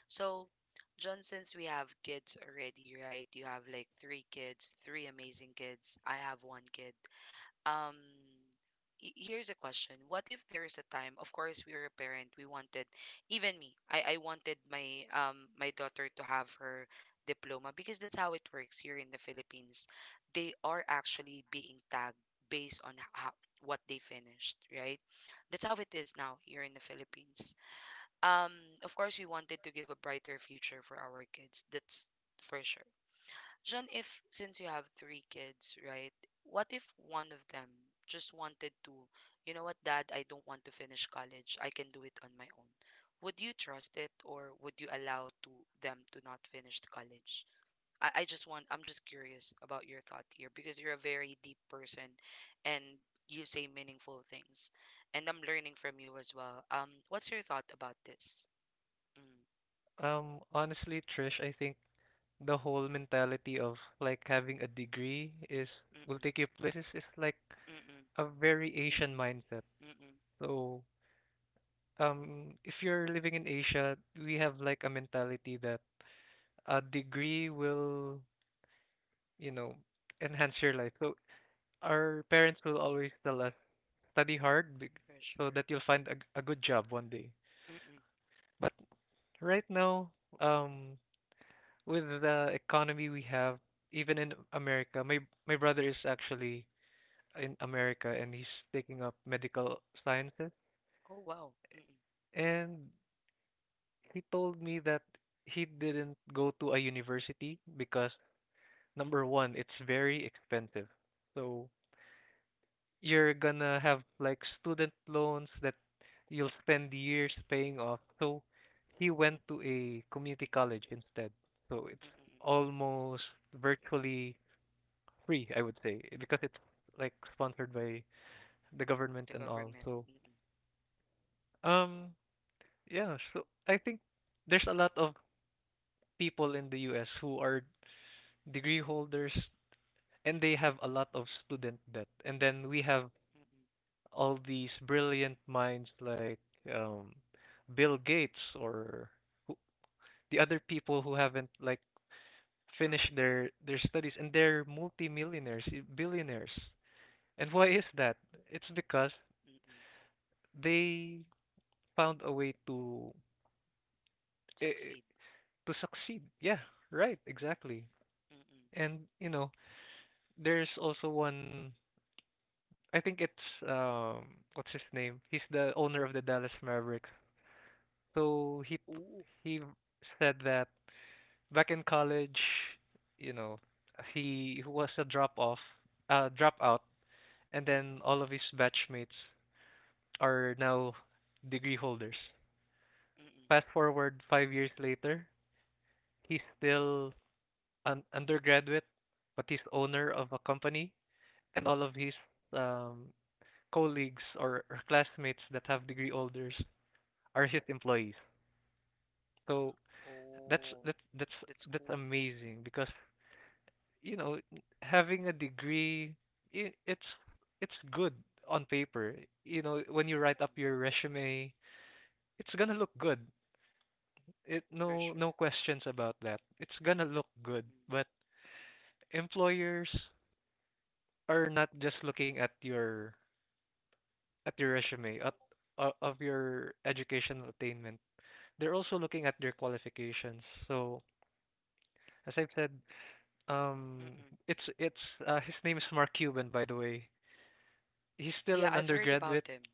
[SPEAKER 1] So, John, since we have kids already, right? You have like three kids, three amazing kids. I have one kid. Um, here's a question. What if there is a time, of course, we were a parent, we wanted, even me, I wanted my my daughter to have her diploma because that's how it works here in the Philippines. They are actually being tagged based on how, what they finished, right? That's how it is now here in the Philippines. Um, of course, we wanted to give a brighter future for our kids. That's for sure. John, if since you have three kids, right? What if one of them just wanted to, you know what, Dad, I don't want to finish college. I can do it on my own. Would you trust it, or would you allow to them to not finish the college? I'm just curious about your thought here because you're a very deep person, and you say meaningful things, and I'm learning from you as well. What's your thought about this? Mm,
[SPEAKER 2] honestly, Trish, I think the whole mentality of like having a degree is will
[SPEAKER 1] mm-mm,
[SPEAKER 2] take you places is like
[SPEAKER 1] mm-mm,
[SPEAKER 2] a very Asian
[SPEAKER 1] mm-mm,
[SPEAKER 2] mindset.
[SPEAKER 1] mm-mm,
[SPEAKER 2] So if you're living in Asia, we have like a mentality that a degree will, you know, enhance your life. So our parents will always tell us study hard bec-
[SPEAKER 1] for
[SPEAKER 2] so
[SPEAKER 1] sure.
[SPEAKER 2] that you'll find a good job one day.
[SPEAKER 1] Mm-mm.
[SPEAKER 2] But right now, um with the economy we have even in America, my brother is actually in America and he's taking up medical sciences.
[SPEAKER 1] Oh, wow. Mm-mm,
[SPEAKER 2] And he told me that he didn't go to a university because number one, it's very expensive. So you're gonna have like student loans that you'll spend years paying off. So he
[SPEAKER 1] mm-mm,
[SPEAKER 2] went to
[SPEAKER 1] mm-mm,
[SPEAKER 2] a community college instead. So it's
[SPEAKER 1] mm-mm.
[SPEAKER 2] almost virtually free, I would say, because it's like sponsored by the government
[SPEAKER 1] The
[SPEAKER 2] and all.
[SPEAKER 1] government.
[SPEAKER 2] So
[SPEAKER 1] Mm-mm,
[SPEAKER 2] um yeah, so I think there's a lot of people in the US who are degree holders and they have a lot of student debt. And then we have
[SPEAKER 1] mm-mm.
[SPEAKER 2] all these brilliant minds like um Bill Gates or who, the other people who haven't like
[SPEAKER 1] True.
[SPEAKER 2] finished their studies, and they're multimillionaires, billionaires. And why is that? It's because
[SPEAKER 1] Mm-mm.
[SPEAKER 2] they found a way to eh, eh,
[SPEAKER 1] Succeed.
[SPEAKER 2] to succeed. Yeah, right, exactly.
[SPEAKER 1] Mm-mm.
[SPEAKER 2] And you know, there's also one. I think it's what's his name? He's the owner of the Dallas Mavericks. So
[SPEAKER 1] Ooh.
[SPEAKER 2] he said that back in college, you know, he was a dropout, and
[SPEAKER 1] Mm-mm,
[SPEAKER 2] then all of his batchmates are now degree holders.
[SPEAKER 1] mm-mm,
[SPEAKER 2] Fast forward 5 years later, he's still an undergraduate, but he's owner of a company, and all of
[SPEAKER 1] mm-mm.
[SPEAKER 2] his um colleagues or classmates that have degree holders are his employees. So that's
[SPEAKER 1] Oh,
[SPEAKER 2] that's that's
[SPEAKER 1] that's
[SPEAKER 2] that's
[SPEAKER 1] cool.
[SPEAKER 2] amazing because you know having a degree it it's it's good on paper. You know when you write up
[SPEAKER 1] Mm-mm,
[SPEAKER 2] your resume, it's gonna look good. It,
[SPEAKER 1] for
[SPEAKER 2] no no
[SPEAKER 1] sure.
[SPEAKER 2] questions about that. It's gonna look good.
[SPEAKER 1] Mm-mm,
[SPEAKER 2] But employers are not just looking at your resume at o- of your educational attainment. They're also looking at their qualifications. So as I've said, um,
[SPEAKER 1] mm-mm.
[SPEAKER 2] it's his name is Mark Cuban, by the way. He's still
[SPEAKER 1] Yeah,
[SPEAKER 2] an
[SPEAKER 1] I've heard
[SPEAKER 2] undergraduate.
[SPEAKER 1] about him.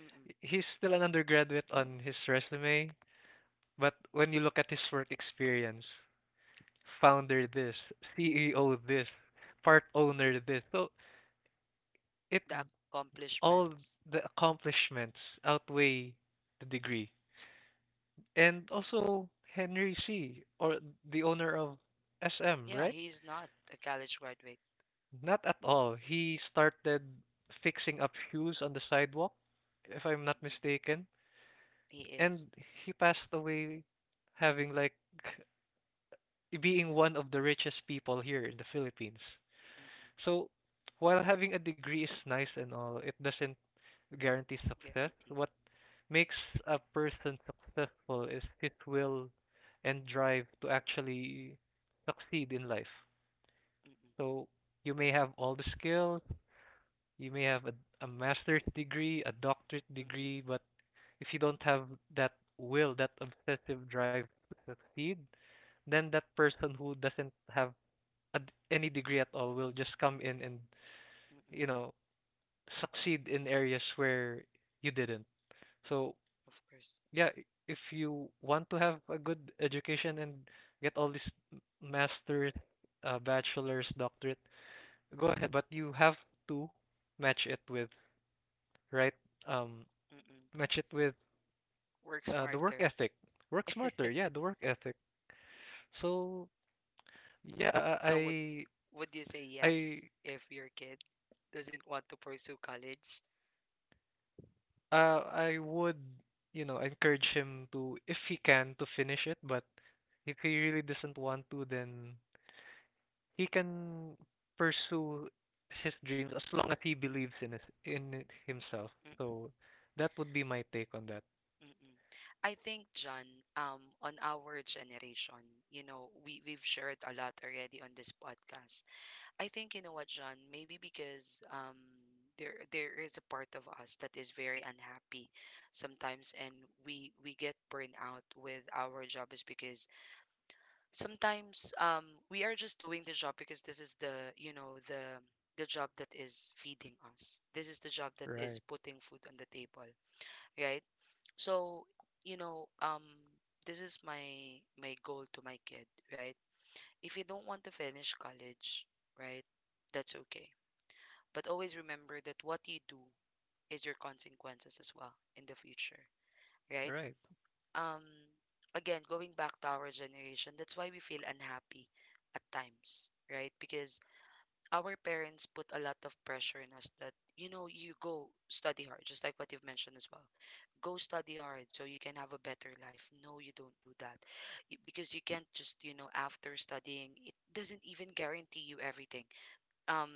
[SPEAKER 1] Mm-mm.
[SPEAKER 2] He's still an undergraduate on his resume, but when you look at his work experience, founder this, CEO this, part owner this, so it
[SPEAKER 1] The
[SPEAKER 2] all
[SPEAKER 1] accomplishments.
[SPEAKER 2] the accomplishments outweigh the degree. And also Henry C, or the owner of SM,
[SPEAKER 1] Yeah,
[SPEAKER 2] right?
[SPEAKER 1] he's not a college graduate.
[SPEAKER 2] Not at all. He started fixing up shoes on the sidewalk, if I'm not
[SPEAKER 1] Mm-mm.
[SPEAKER 2] mistaken.
[SPEAKER 1] He is.
[SPEAKER 2] And he passed away having like being one of the richest people here in the Philippines.
[SPEAKER 1] Mm-mm.
[SPEAKER 2] So while having a degree is nice and all, it doesn't guarantee success.
[SPEAKER 1] Guarantee.
[SPEAKER 2] What makes a person successful is his will and drive to actually succeed in life.
[SPEAKER 1] Mm-mm,
[SPEAKER 2] So you may have all the skills. You may have a master's degree, a doctorate
[SPEAKER 1] mm-mm,
[SPEAKER 2] degree, but if you don't have that will, that obsessive drive to succeed, then that person who doesn't have a, d- any degree at all will just come in and, you
[SPEAKER 1] mm-mm.
[SPEAKER 2] know, succeed in areas where you didn't. So,
[SPEAKER 1] Of course.
[SPEAKER 2] yeah, if you want to have a good education and get all these m- master's, bachelor's, doctorate, go ahead, but you have to match it with right um
[SPEAKER 1] Mm-mm.
[SPEAKER 2] match it with
[SPEAKER 1] Work
[SPEAKER 2] the work
[SPEAKER 1] smarter.
[SPEAKER 2] ethic. Work smarter, yeah, the work ethic. So yeah,
[SPEAKER 1] So would would you say
[SPEAKER 2] I
[SPEAKER 1] yes if your kid doesn't want to pursue college?
[SPEAKER 2] I would encourage him to if he can to finish it, but if he really doesn't want to, then he can pursue his dreams as long as he believes in his, in it himself.
[SPEAKER 1] Mm-mm,
[SPEAKER 2] So that would be my take on that.
[SPEAKER 1] mm-mm. I think, John, on our generation, you know, we've shared a lot already on this podcast. I think, you know what, John, maybe because there is a part of us that is very unhappy sometimes, and we get burned out with our job is because sometimes we are just doing the job because this is the you know the job that is feeding us, this is the job that
[SPEAKER 2] Right,
[SPEAKER 1] is putting food on the table, right? So, you know, this is my my goal to my kid, right? If you don't want to finish college, right, that's okay, but always remember that what you do is your consequences as well in the future, right?
[SPEAKER 2] right.
[SPEAKER 1] um again, going back to our generation, that's why we feel unhappy at times, right? Because our parents put a lot of pressure in us that, you know, you go study hard, just like what you've mentioned as well. Go study hard so you can have a better life. No, you don't do that. Because you can't just, you know, after studying, it doesn't even guarantee you everything. um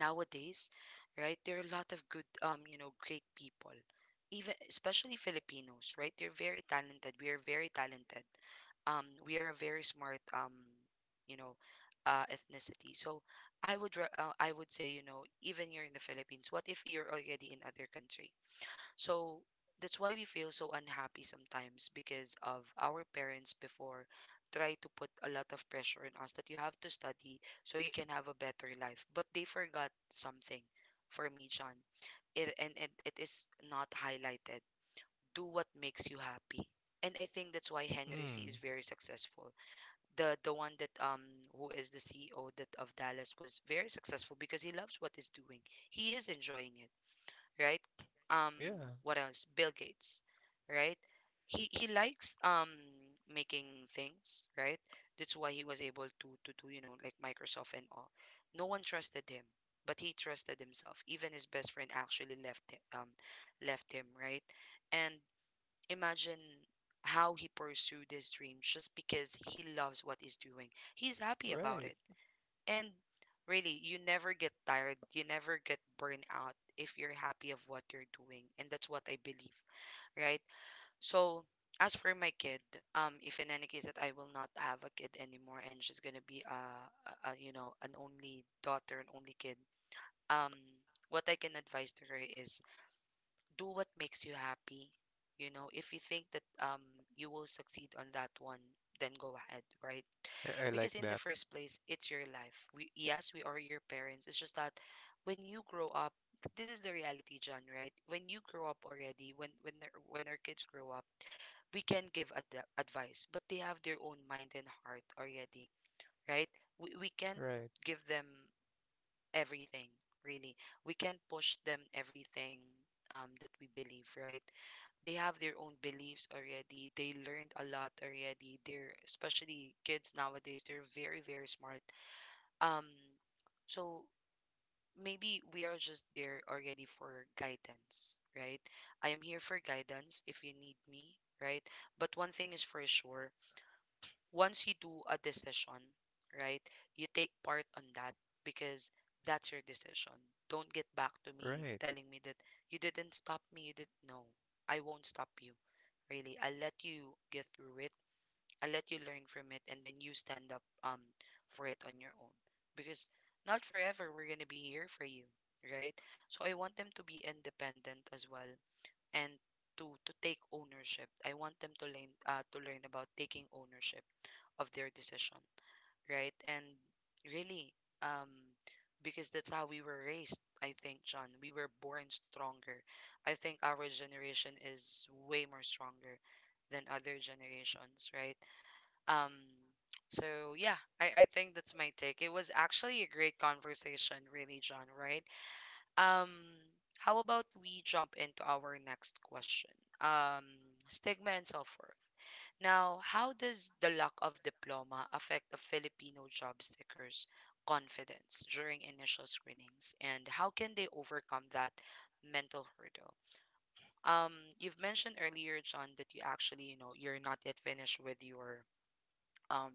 [SPEAKER 1] nowadays, right? There are a lot of good, you know, great people, even especially Filipinos, right? They're very talented. We are very talented. We are a very smart, you know, ethnicity. So I would say, you know, even you're in the Philippines, what if you're already in other country? So that's why we feel so unhappy sometimes because of our parents before try to put a lot of pressure on us that you have to study so you can have a better life. But they forgot something for me, John. It is not highlighted. Do what makes you happy. And I think that's why Henry C is
[SPEAKER 2] Mm,
[SPEAKER 1] very successful. The one that who is the CEO that of Dallas was very successful because he loves what he's doing. He is enjoying it, right? Um,
[SPEAKER 2] yeah,
[SPEAKER 1] what else? Bill Gates, right? He likes making things, right? That's why he was able to do, you know, like Microsoft and all. No one trusted him, but he trusted himself. Even his best friend actually left hi- um left him, right? And imagine how he pursued his dream just because he loves what he's doing. He's happy about
[SPEAKER 2] right.
[SPEAKER 1] it. And really, you never get tired, you never get burned out if you're happy of what you're doing. And that's what I believe, right? So as for my kid, if in any case that I will not have a kid anymore and she's gonna be a you know an only daughter, an only kid, um, what I can advise to her is do what makes you happy. You know, if you think that you will succeed on that one, then go ahead, right?
[SPEAKER 2] I like
[SPEAKER 1] Because in the
[SPEAKER 2] that.
[SPEAKER 1] first place, it's your life. We, yes, we are your parents. It's just that when you grow up, this is the reality, John, right? When you grow up already, when when our kids grow up, we can give advice, but they have their own mind and heart already, right? We can't
[SPEAKER 2] Right,
[SPEAKER 1] give them everything, really. We can't push them everything, that we believe, right? They have their own beliefs already. They learned a lot already. They're especially kids nowadays, they're very very smart. Um, so maybe we are just there already for guidance, right? I am here for guidance if you need me, right? But one thing is for sure, once you do a decision, right, you take part on that because that's your decision. Don't get back to me
[SPEAKER 2] right.
[SPEAKER 1] telling me that you didn't stop me, you did, no. I won't stop you. Really, I'll let you get through it, I let you learn from it, and then you stand up for it on your own. Because not forever we're gonna be here for you, right? So I want them to be independent as well, and to take ownership. I want them to learn about taking ownership of their decision, right? And really, um, because that's how we were raised. I think, John, we were born stronger. I think our generation is way more stronger than other generations, right? Um, so yeah, I think that's my take. It was actually a great conversation, really, John, right? Um, how about we jump into our next question? Um, stigma and self-worth. Now, how does the lack of diploma affect a Filipino job seeker's confidence during initial screenings, and how can they overcome that mental hurdle? Um, you've mentioned earlier, John, that you actually, you know, you're not yet finished with your um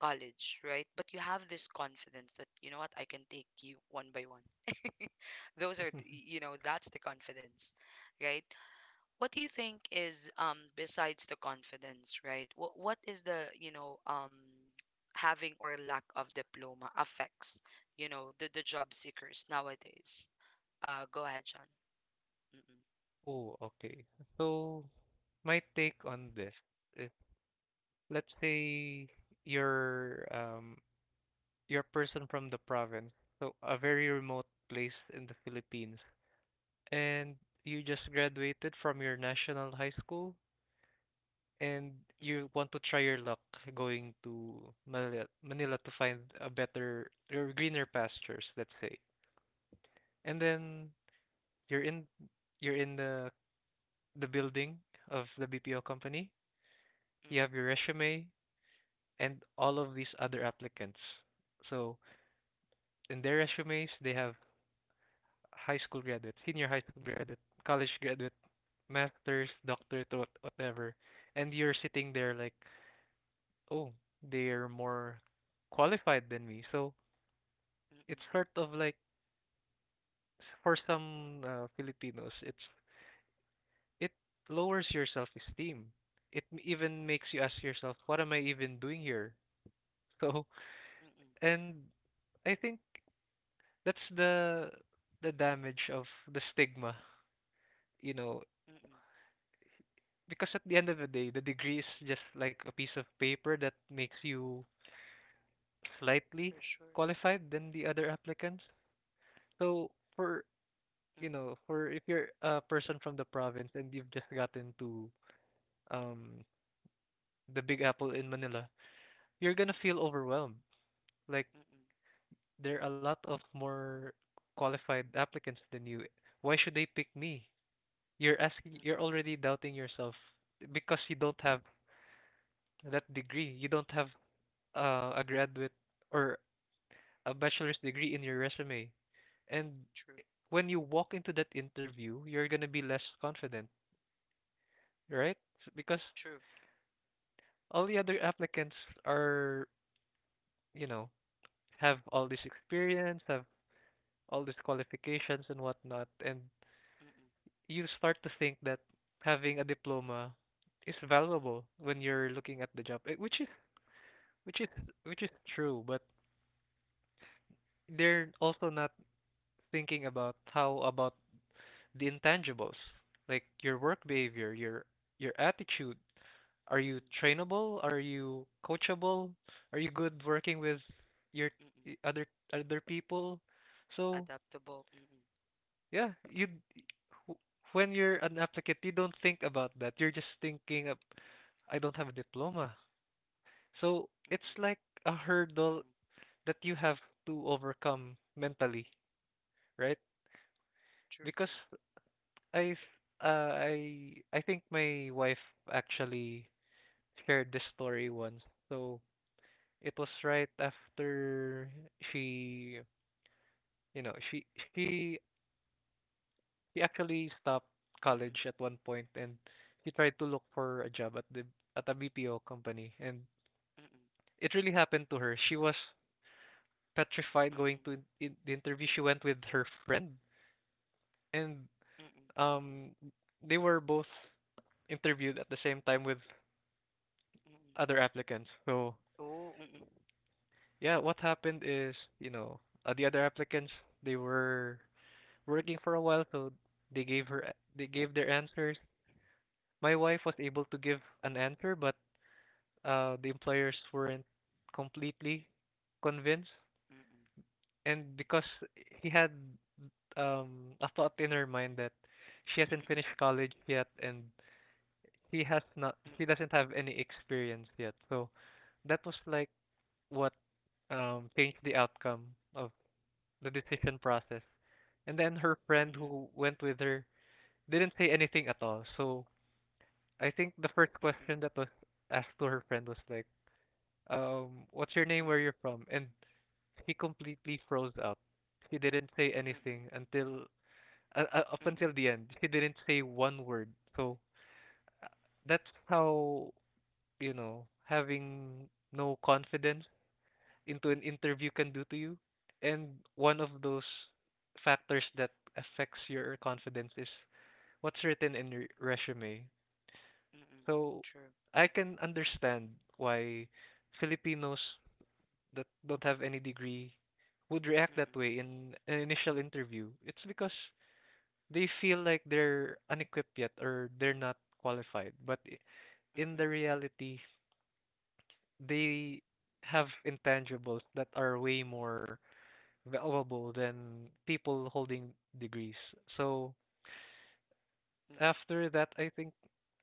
[SPEAKER 1] college, right? But you have this confidence that, you know what, I can take you one by one. Those are, the, you know, that's the confidence, right? What do you think is, besides the confidence, right? What is the, you know, having or lack of diploma affects, you know, the job seekers nowadays? Go ahead, John. Mm-mm,
[SPEAKER 2] Oh, okay. So my take on this, if let's say you're um you're a person from the province, so a very remote place in the Philippines, and you just graduated from your national high school and
[SPEAKER 1] mm-mm,
[SPEAKER 2] you want to try your luck going to Manila to find a better or greener pastures, let's say. And then you're in you're in the building of the BPO company. You
[SPEAKER 1] mm-mm,
[SPEAKER 2] have your resume, and all of these other applicants. So in their resumes, they have high school graduate, senior high school graduate, college graduate, master's, doctorate, whatever. And you're sitting there like, oh, they're more qualified than me. So it's
[SPEAKER 1] mm-mm,
[SPEAKER 2] sort of like for some Filipinos, it lowers your self-esteem. It even makes you ask yourself, what am I even doing here? So
[SPEAKER 1] mm-mm,
[SPEAKER 2] and I think That's the damage of the stigma, you know,
[SPEAKER 1] mm-mm,
[SPEAKER 2] because at the end of the day, the degree is just like a piece of paper that makes you slightly
[SPEAKER 1] for sure.
[SPEAKER 2] qualified than the other applicants. So for
[SPEAKER 1] Mm-mm,
[SPEAKER 2] for if you're a person from the province and you've just gotten to um the Big Apple in Manila, you're gonna
[SPEAKER 1] mm-mm,
[SPEAKER 2] feel overwhelmed. Like
[SPEAKER 1] mm-mm,
[SPEAKER 2] there are a lot of more qualified applicants than you. Why should they pick me?
[SPEAKER 1] mm-mm,
[SPEAKER 2] You're already doubting yourself because you don't have that degree. You don't have a graduate or a bachelor's degree in your resume. And
[SPEAKER 1] true,
[SPEAKER 2] when you walk into that interview, you're going to be less confident, right? Because
[SPEAKER 1] true.
[SPEAKER 2] all the other applicants are, you know, have all this experience, have all these qualifications and whatnot. And
[SPEAKER 1] Mm-mm,
[SPEAKER 2] you start to think that having a diploma is valuable when you're looking at the job, which is true, but they're also not thinking about how about the intangibles, like your work behavior, your attitude. Are you
[SPEAKER 1] mm-mm.
[SPEAKER 2] trainable? Are you coachable? Are you good working with your I-
[SPEAKER 1] Mm-mm.
[SPEAKER 2] other other people? So
[SPEAKER 1] Adaptable. Mm-mm,
[SPEAKER 2] yeah, wh- when you're an applicant, you don't think about that. You're just thinking of I don't have a diploma. So
[SPEAKER 1] mm-mm,
[SPEAKER 2] it's like a hurdle
[SPEAKER 1] mm-mm.
[SPEAKER 2] that you have to overcome mentally, right?
[SPEAKER 1] True,
[SPEAKER 2] Because
[SPEAKER 1] true.
[SPEAKER 2] I uh, I think my wife actually shared this story once. So it was right after she you know she actually stopped
[SPEAKER 1] Mm-mm,
[SPEAKER 2] college at one point, and she tried to look for a job at the at a BPO company, and
[SPEAKER 1] mm-mm,
[SPEAKER 2] it really happened to her. She was petrified going
[SPEAKER 1] mm-mm,
[SPEAKER 2] to the interview. She went with her friend, and
[SPEAKER 1] mm-mm,
[SPEAKER 2] um they were both interviewed at the same time with
[SPEAKER 1] mm-mm.
[SPEAKER 2] other applicants. So
[SPEAKER 1] Oh, mm-mm,
[SPEAKER 2] yeah, what happened is, you know, the other applicants they were working for a while, so they gave her they gave their answers. My wife was able to give an answer, but the employers weren't completely convinced,
[SPEAKER 1] mm-mm, mm-mm,
[SPEAKER 2] and because he had a thought in her mind that she hasn't
[SPEAKER 1] mm-mm,
[SPEAKER 2] finished college yet, and he has not she
[SPEAKER 1] mm-mm,
[SPEAKER 2] doesn't have any experience yet, so that was like what changed the outcome of the decision process. And then her friend
[SPEAKER 1] mm-mm,
[SPEAKER 2] who went with her didn't say anything at all. So I think the first question that was asked to her friend was like, what's your name, where you're from? And she completely froze up. She didn't say
[SPEAKER 1] mm-mm,
[SPEAKER 2] anything until up
[SPEAKER 1] mm-mm,
[SPEAKER 2] until the end. She didn't say one word. So uh, that's how, you know, having no confidence into an interview can do to you. And one of those factors that affects your confidence is what's written in your resume.
[SPEAKER 1] mm-mm, mm-mm.
[SPEAKER 2] So
[SPEAKER 1] True.
[SPEAKER 2] I can understand why Filipinos that don't have any degree would react
[SPEAKER 1] Mm-mm,
[SPEAKER 2] that way in an initial interview. It's because they feel like they're unequipped yet or they're not qualified. In
[SPEAKER 1] mm-mm,
[SPEAKER 2] the reality, they have intangibles that are way more valuable than people holding degrees. So
[SPEAKER 1] mm-mm,
[SPEAKER 2] after that, I think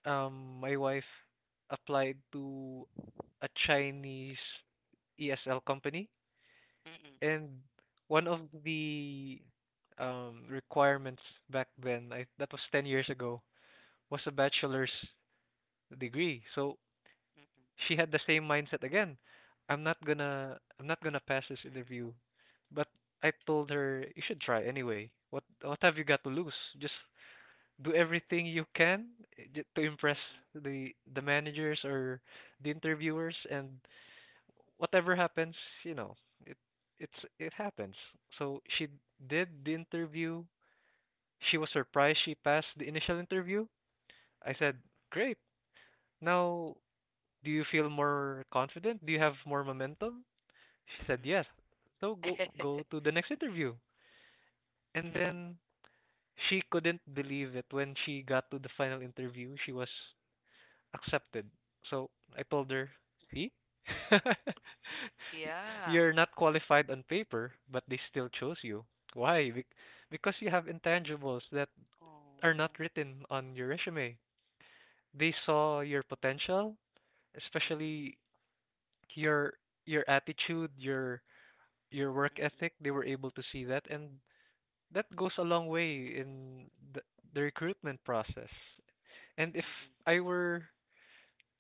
[SPEAKER 2] my wife applied to a Chinese ESL company,
[SPEAKER 1] mm-mm,
[SPEAKER 2] and one of the requirements back then, I that was 10 years ago, was a bachelor's degree. So
[SPEAKER 1] mm-mm,
[SPEAKER 2] she had the same mindset again. I'm not gonna pass this
[SPEAKER 1] mm-mm,
[SPEAKER 2] interview. But I told her you should try anyway. What have you got to lose? Just do everything you can to impress
[SPEAKER 1] mm-mm,
[SPEAKER 2] the managers or the interviewers and whatever happens, you know, it it's it happens. So she did the interview. She was surprised she passed the initial interview. I
[SPEAKER 1] mm-mm,
[SPEAKER 2] said, "Great. Now do you feel more confident? Do you have more momentum?" She said
[SPEAKER 1] mm-mm.
[SPEAKER 2] yes. So go to the next interview. And
[SPEAKER 1] Mm-mm.
[SPEAKER 2] then she couldn't believe it when she got to the final interview. She was accepted. So I told her, "See?
[SPEAKER 1] Yeah.
[SPEAKER 2] You're not qualified on paper, but they still chose you. Why? Bec- Because you have intangibles that are not
[SPEAKER 1] Oh.
[SPEAKER 2] written on your resume. They saw your potential,
[SPEAKER 1] Mm-mm,
[SPEAKER 2] especially your your attitude, your work
[SPEAKER 1] mm-mm,
[SPEAKER 2] ethic. They were able to see that, and that goes a long way in the, the recruitment process. And if I were,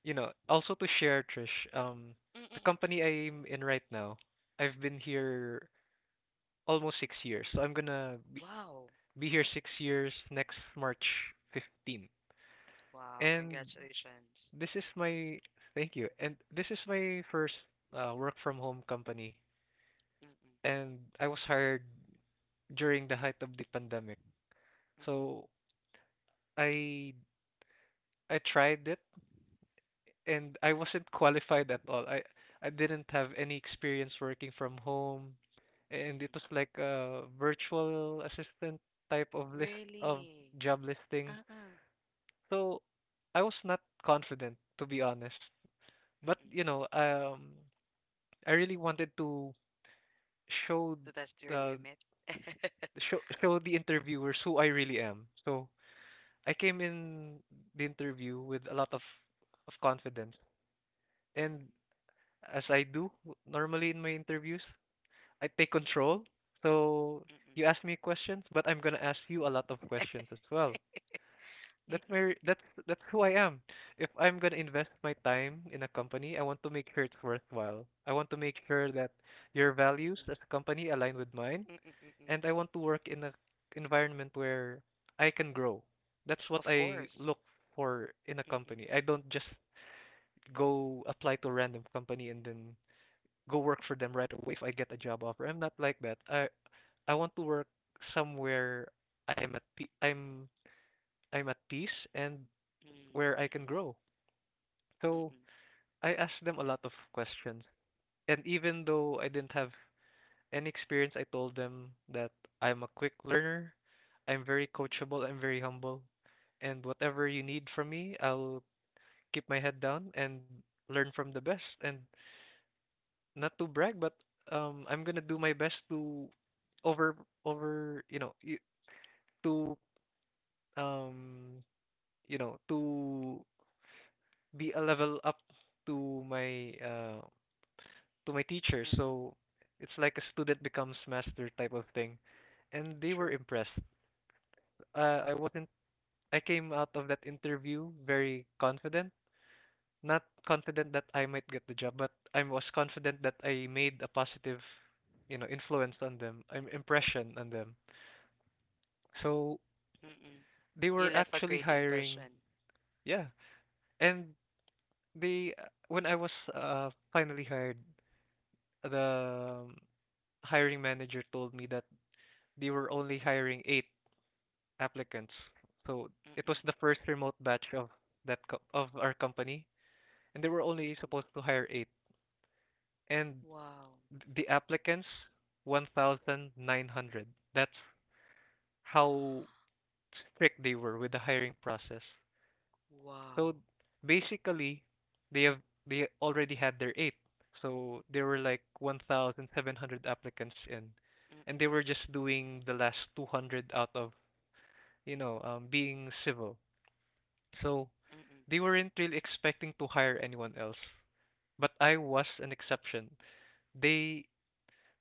[SPEAKER 2] you know, also to share, Trish, um,
[SPEAKER 1] mm-mm,
[SPEAKER 2] the
[SPEAKER 1] mm-mm.
[SPEAKER 2] company I'm in right now, I've been here almost 6 years. So I'm gonna
[SPEAKER 1] Wow.
[SPEAKER 2] be here 6 years next March 15.
[SPEAKER 1] Wow.
[SPEAKER 2] And
[SPEAKER 1] Congratulations.
[SPEAKER 2] this is my, thank you. And this is my first work from home company.
[SPEAKER 1] Mm-mm,
[SPEAKER 2] And I was hired during the height of the pandemic.
[SPEAKER 1] mm-mm,
[SPEAKER 2] So I I tried it and I wasn't qualified at all. I didn't have any experience working from home, and it
[SPEAKER 1] mm-mm.
[SPEAKER 2] was like a virtual assistant type of list of
[SPEAKER 1] Really?
[SPEAKER 2] job listing.
[SPEAKER 1] Uh-uh.
[SPEAKER 2] So I was not confident to be honest. But
[SPEAKER 1] Mm-mm.
[SPEAKER 2] you know, I really wanted to show
[SPEAKER 1] To test your
[SPEAKER 2] the
[SPEAKER 1] limit?
[SPEAKER 2] show the interviewers who I really am. So I came in the interview with a lot of confidence, and
[SPEAKER 1] Mm-mm.
[SPEAKER 2] as I do normally in my interviews, I take control. So
[SPEAKER 1] Mm-mm.
[SPEAKER 2] you ask me questions, but I'm gonna ask you a lot of questions as well. That's
[SPEAKER 1] Mm-mm.
[SPEAKER 2] my that's who I am. If I'm gonna invest my time in a company, I want to make sure it's worthwhile. I want to make sure that your
[SPEAKER 1] Mm-mm.
[SPEAKER 2] values
[SPEAKER 1] Mm-mm.
[SPEAKER 2] as a company align with mine,
[SPEAKER 1] Mm-mm.
[SPEAKER 2] and I want to work in a environment where I can grow. That's what
[SPEAKER 1] Of
[SPEAKER 2] I
[SPEAKER 1] course.
[SPEAKER 2] look for in a
[SPEAKER 1] Mm-mm.
[SPEAKER 2] company. I don't just go apply to a random company and then go work for them right away if I get a job offer. I'm not like that. I want to work somewhere I'm at pe- I'm I'm at peace, and
[SPEAKER 1] Mm-mm.
[SPEAKER 2] where I can
[SPEAKER 1] Mm-mm.
[SPEAKER 2] grow. So
[SPEAKER 1] Mm-mm.
[SPEAKER 2] I asked them a lot of questions. And even though I didn't have any experience, I told them that I'm a quick learner, I'm very
[SPEAKER 1] Mm-mm.
[SPEAKER 2] coachable, I'm very humble, and whatever you need from me, I'll keep my head down and learn from the best, and not to brag, but I'm going to do my best to over over, you know, y- to um you know to be a level up to my uh to my teacher,
[SPEAKER 1] Mm-mm.
[SPEAKER 2] so it's like a student becomes master type of thing, and they were
[SPEAKER 1] True.
[SPEAKER 2] impressed. I wasn't I came out of that interview very confident, not confident that I might get the job, but I was confident that I made a positive, you know, influence on them, an impression on them. So
[SPEAKER 1] Mm-mm.
[SPEAKER 2] they
[SPEAKER 1] You
[SPEAKER 2] were
[SPEAKER 1] left a
[SPEAKER 2] actually
[SPEAKER 1] great
[SPEAKER 2] hiring,
[SPEAKER 1] impression.
[SPEAKER 2] yeah. And they when I was finally hired, the hiring manager told me that they were only hiring eight applicants. So it
[SPEAKER 1] Mm-mm.
[SPEAKER 2] was the first remote batch of of our company, and they were only
[SPEAKER 1] Mm-mm.
[SPEAKER 2] supposed to hire eight. And
[SPEAKER 1] Wow.
[SPEAKER 2] th- the applicants, 1,900. That's how strict they were with the hiring process. So
[SPEAKER 1] Wow.
[SPEAKER 2] basically, they have they already had their eight. So there were like 1,700 applicants in, and
[SPEAKER 1] Mm-mm.
[SPEAKER 2] they were just doing the last 200 out of being civil. So
[SPEAKER 1] Mm-mm.
[SPEAKER 2] they weren't really expecting to hire anyone else. But I was an exception. They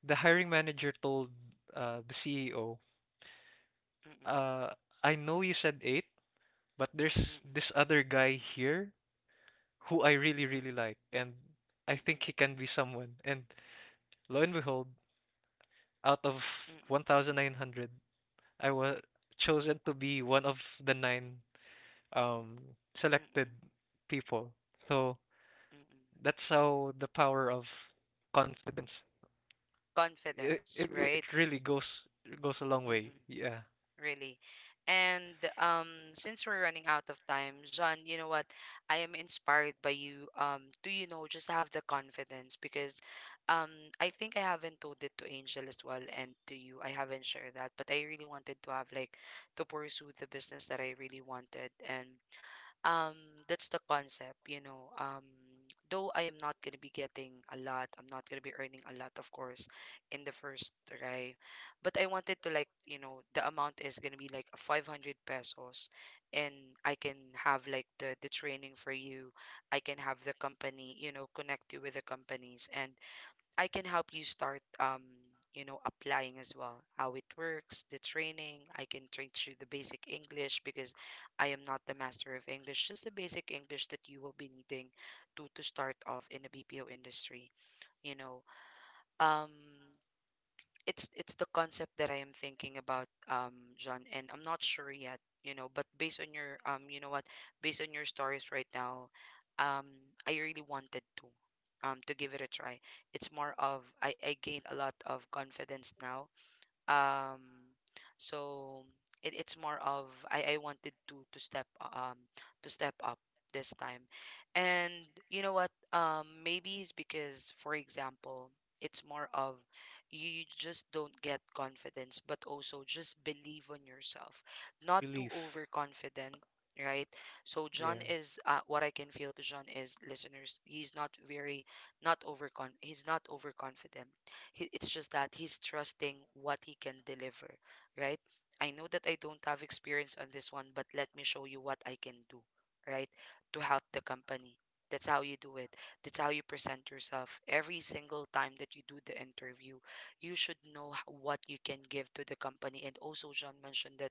[SPEAKER 2] the hiring manager told the CEO,
[SPEAKER 1] Mm-mm.
[SPEAKER 2] uh, "I know you said eight, but there's this
[SPEAKER 1] Mm-mm.
[SPEAKER 2] other guy here who I really,
[SPEAKER 1] Mm-mm.
[SPEAKER 2] really
[SPEAKER 1] Mm-mm.
[SPEAKER 2] like, and I think he can be someone." And lo and behold, out of
[SPEAKER 1] Mm-mm.
[SPEAKER 2] 1,900, I was chosen to be one of the nine um, selected
[SPEAKER 1] Mm-mm.
[SPEAKER 2] people. So
[SPEAKER 1] Mm-mm.
[SPEAKER 2] that's how the power of confidence. It,
[SPEAKER 1] Confidence,
[SPEAKER 2] it, it
[SPEAKER 1] right?
[SPEAKER 2] really goes a long way.
[SPEAKER 1] Mm-mm.
[SPEAKER 2] Yeah,
[SPEAKER 1] Really. And since we're running out of time, John, you know what? I am inspired by you. Do you know? Just have the confidence because, um, I think I haven't told it to Angel as well and to you. I haven't shared that, but I really wanted to have like to pursue the business that I really wanted, and um that's the concept, you know. Um, though I am not going to be getting a lot, I'm not going to be earning a lot, of course, in the first try, but I wanted to, like, you know, the amount is going to be like 500 pesos, and I can have like the training for you. I can have the company, you know, connect you with the companies, and I can help you start you know applying as well, how it works. The training, I can train you the basic English because I am not the master of English, just the basic English that you will be needing to start off in the BPO industry, you know. Um, it's the concept that I am thinking about, John, and I'm not sure yet, you know, but based on your you know what, based on your stories right now, um, I really wanted to give it a try. It's more of I gained a lot of confidence now, um, so it's more of I wanted to to step up this time. And you know what, um, maybe it's because for example it's more of you you just don't get confidence but also just believe on yourself, not too
[SPEAKER 2] belief.
[SPEAKER 1] overconfident, right? So John
[SPEAKER 2] Yeah.
[SPEAKER 1] is, what I can feel to John is, listeners, he's not very not overcon he's not overconfident. It's just that he's trusting what he can deliver, right? I know that I don't have experience on this one, but let me show you what I can do, right? To help the company. That's how you do it. That's how you present yourself. Every single time that you do the interview, you should know what you can give to the company. And also, John mentioned that,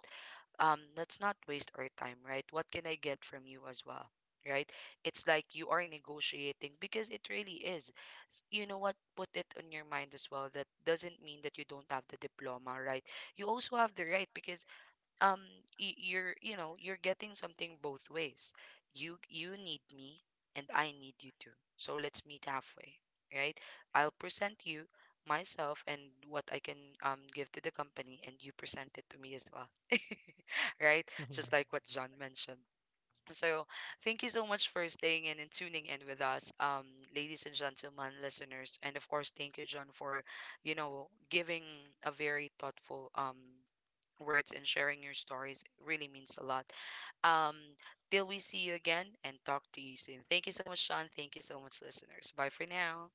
[SPEAKER 1] um, let's not waste our time, right? What can I get from you as well, right? It's like you are negotiating because it really is, you know what, put it on your mind as well that doesn't mean that you don't have the diploma, right? You also have the right because, um, you're, you know, you're getting something both ways. You need me and I need you too, so let's meet halfway, right? I'll present you myself and what I can give to the company, and you present it to me as well. Right? Just like what John mentioned. So, thank you so much for staying in and tuning in with us, ladies and gentlemen, listeners, and of course, thank you, John, for, you know, giving a very thoughtful words and sharing your stories. It really means a lot. Um, till we see you again and talk to you soon. Thank you so much, John. Thank you so much, listeners. Bye for now.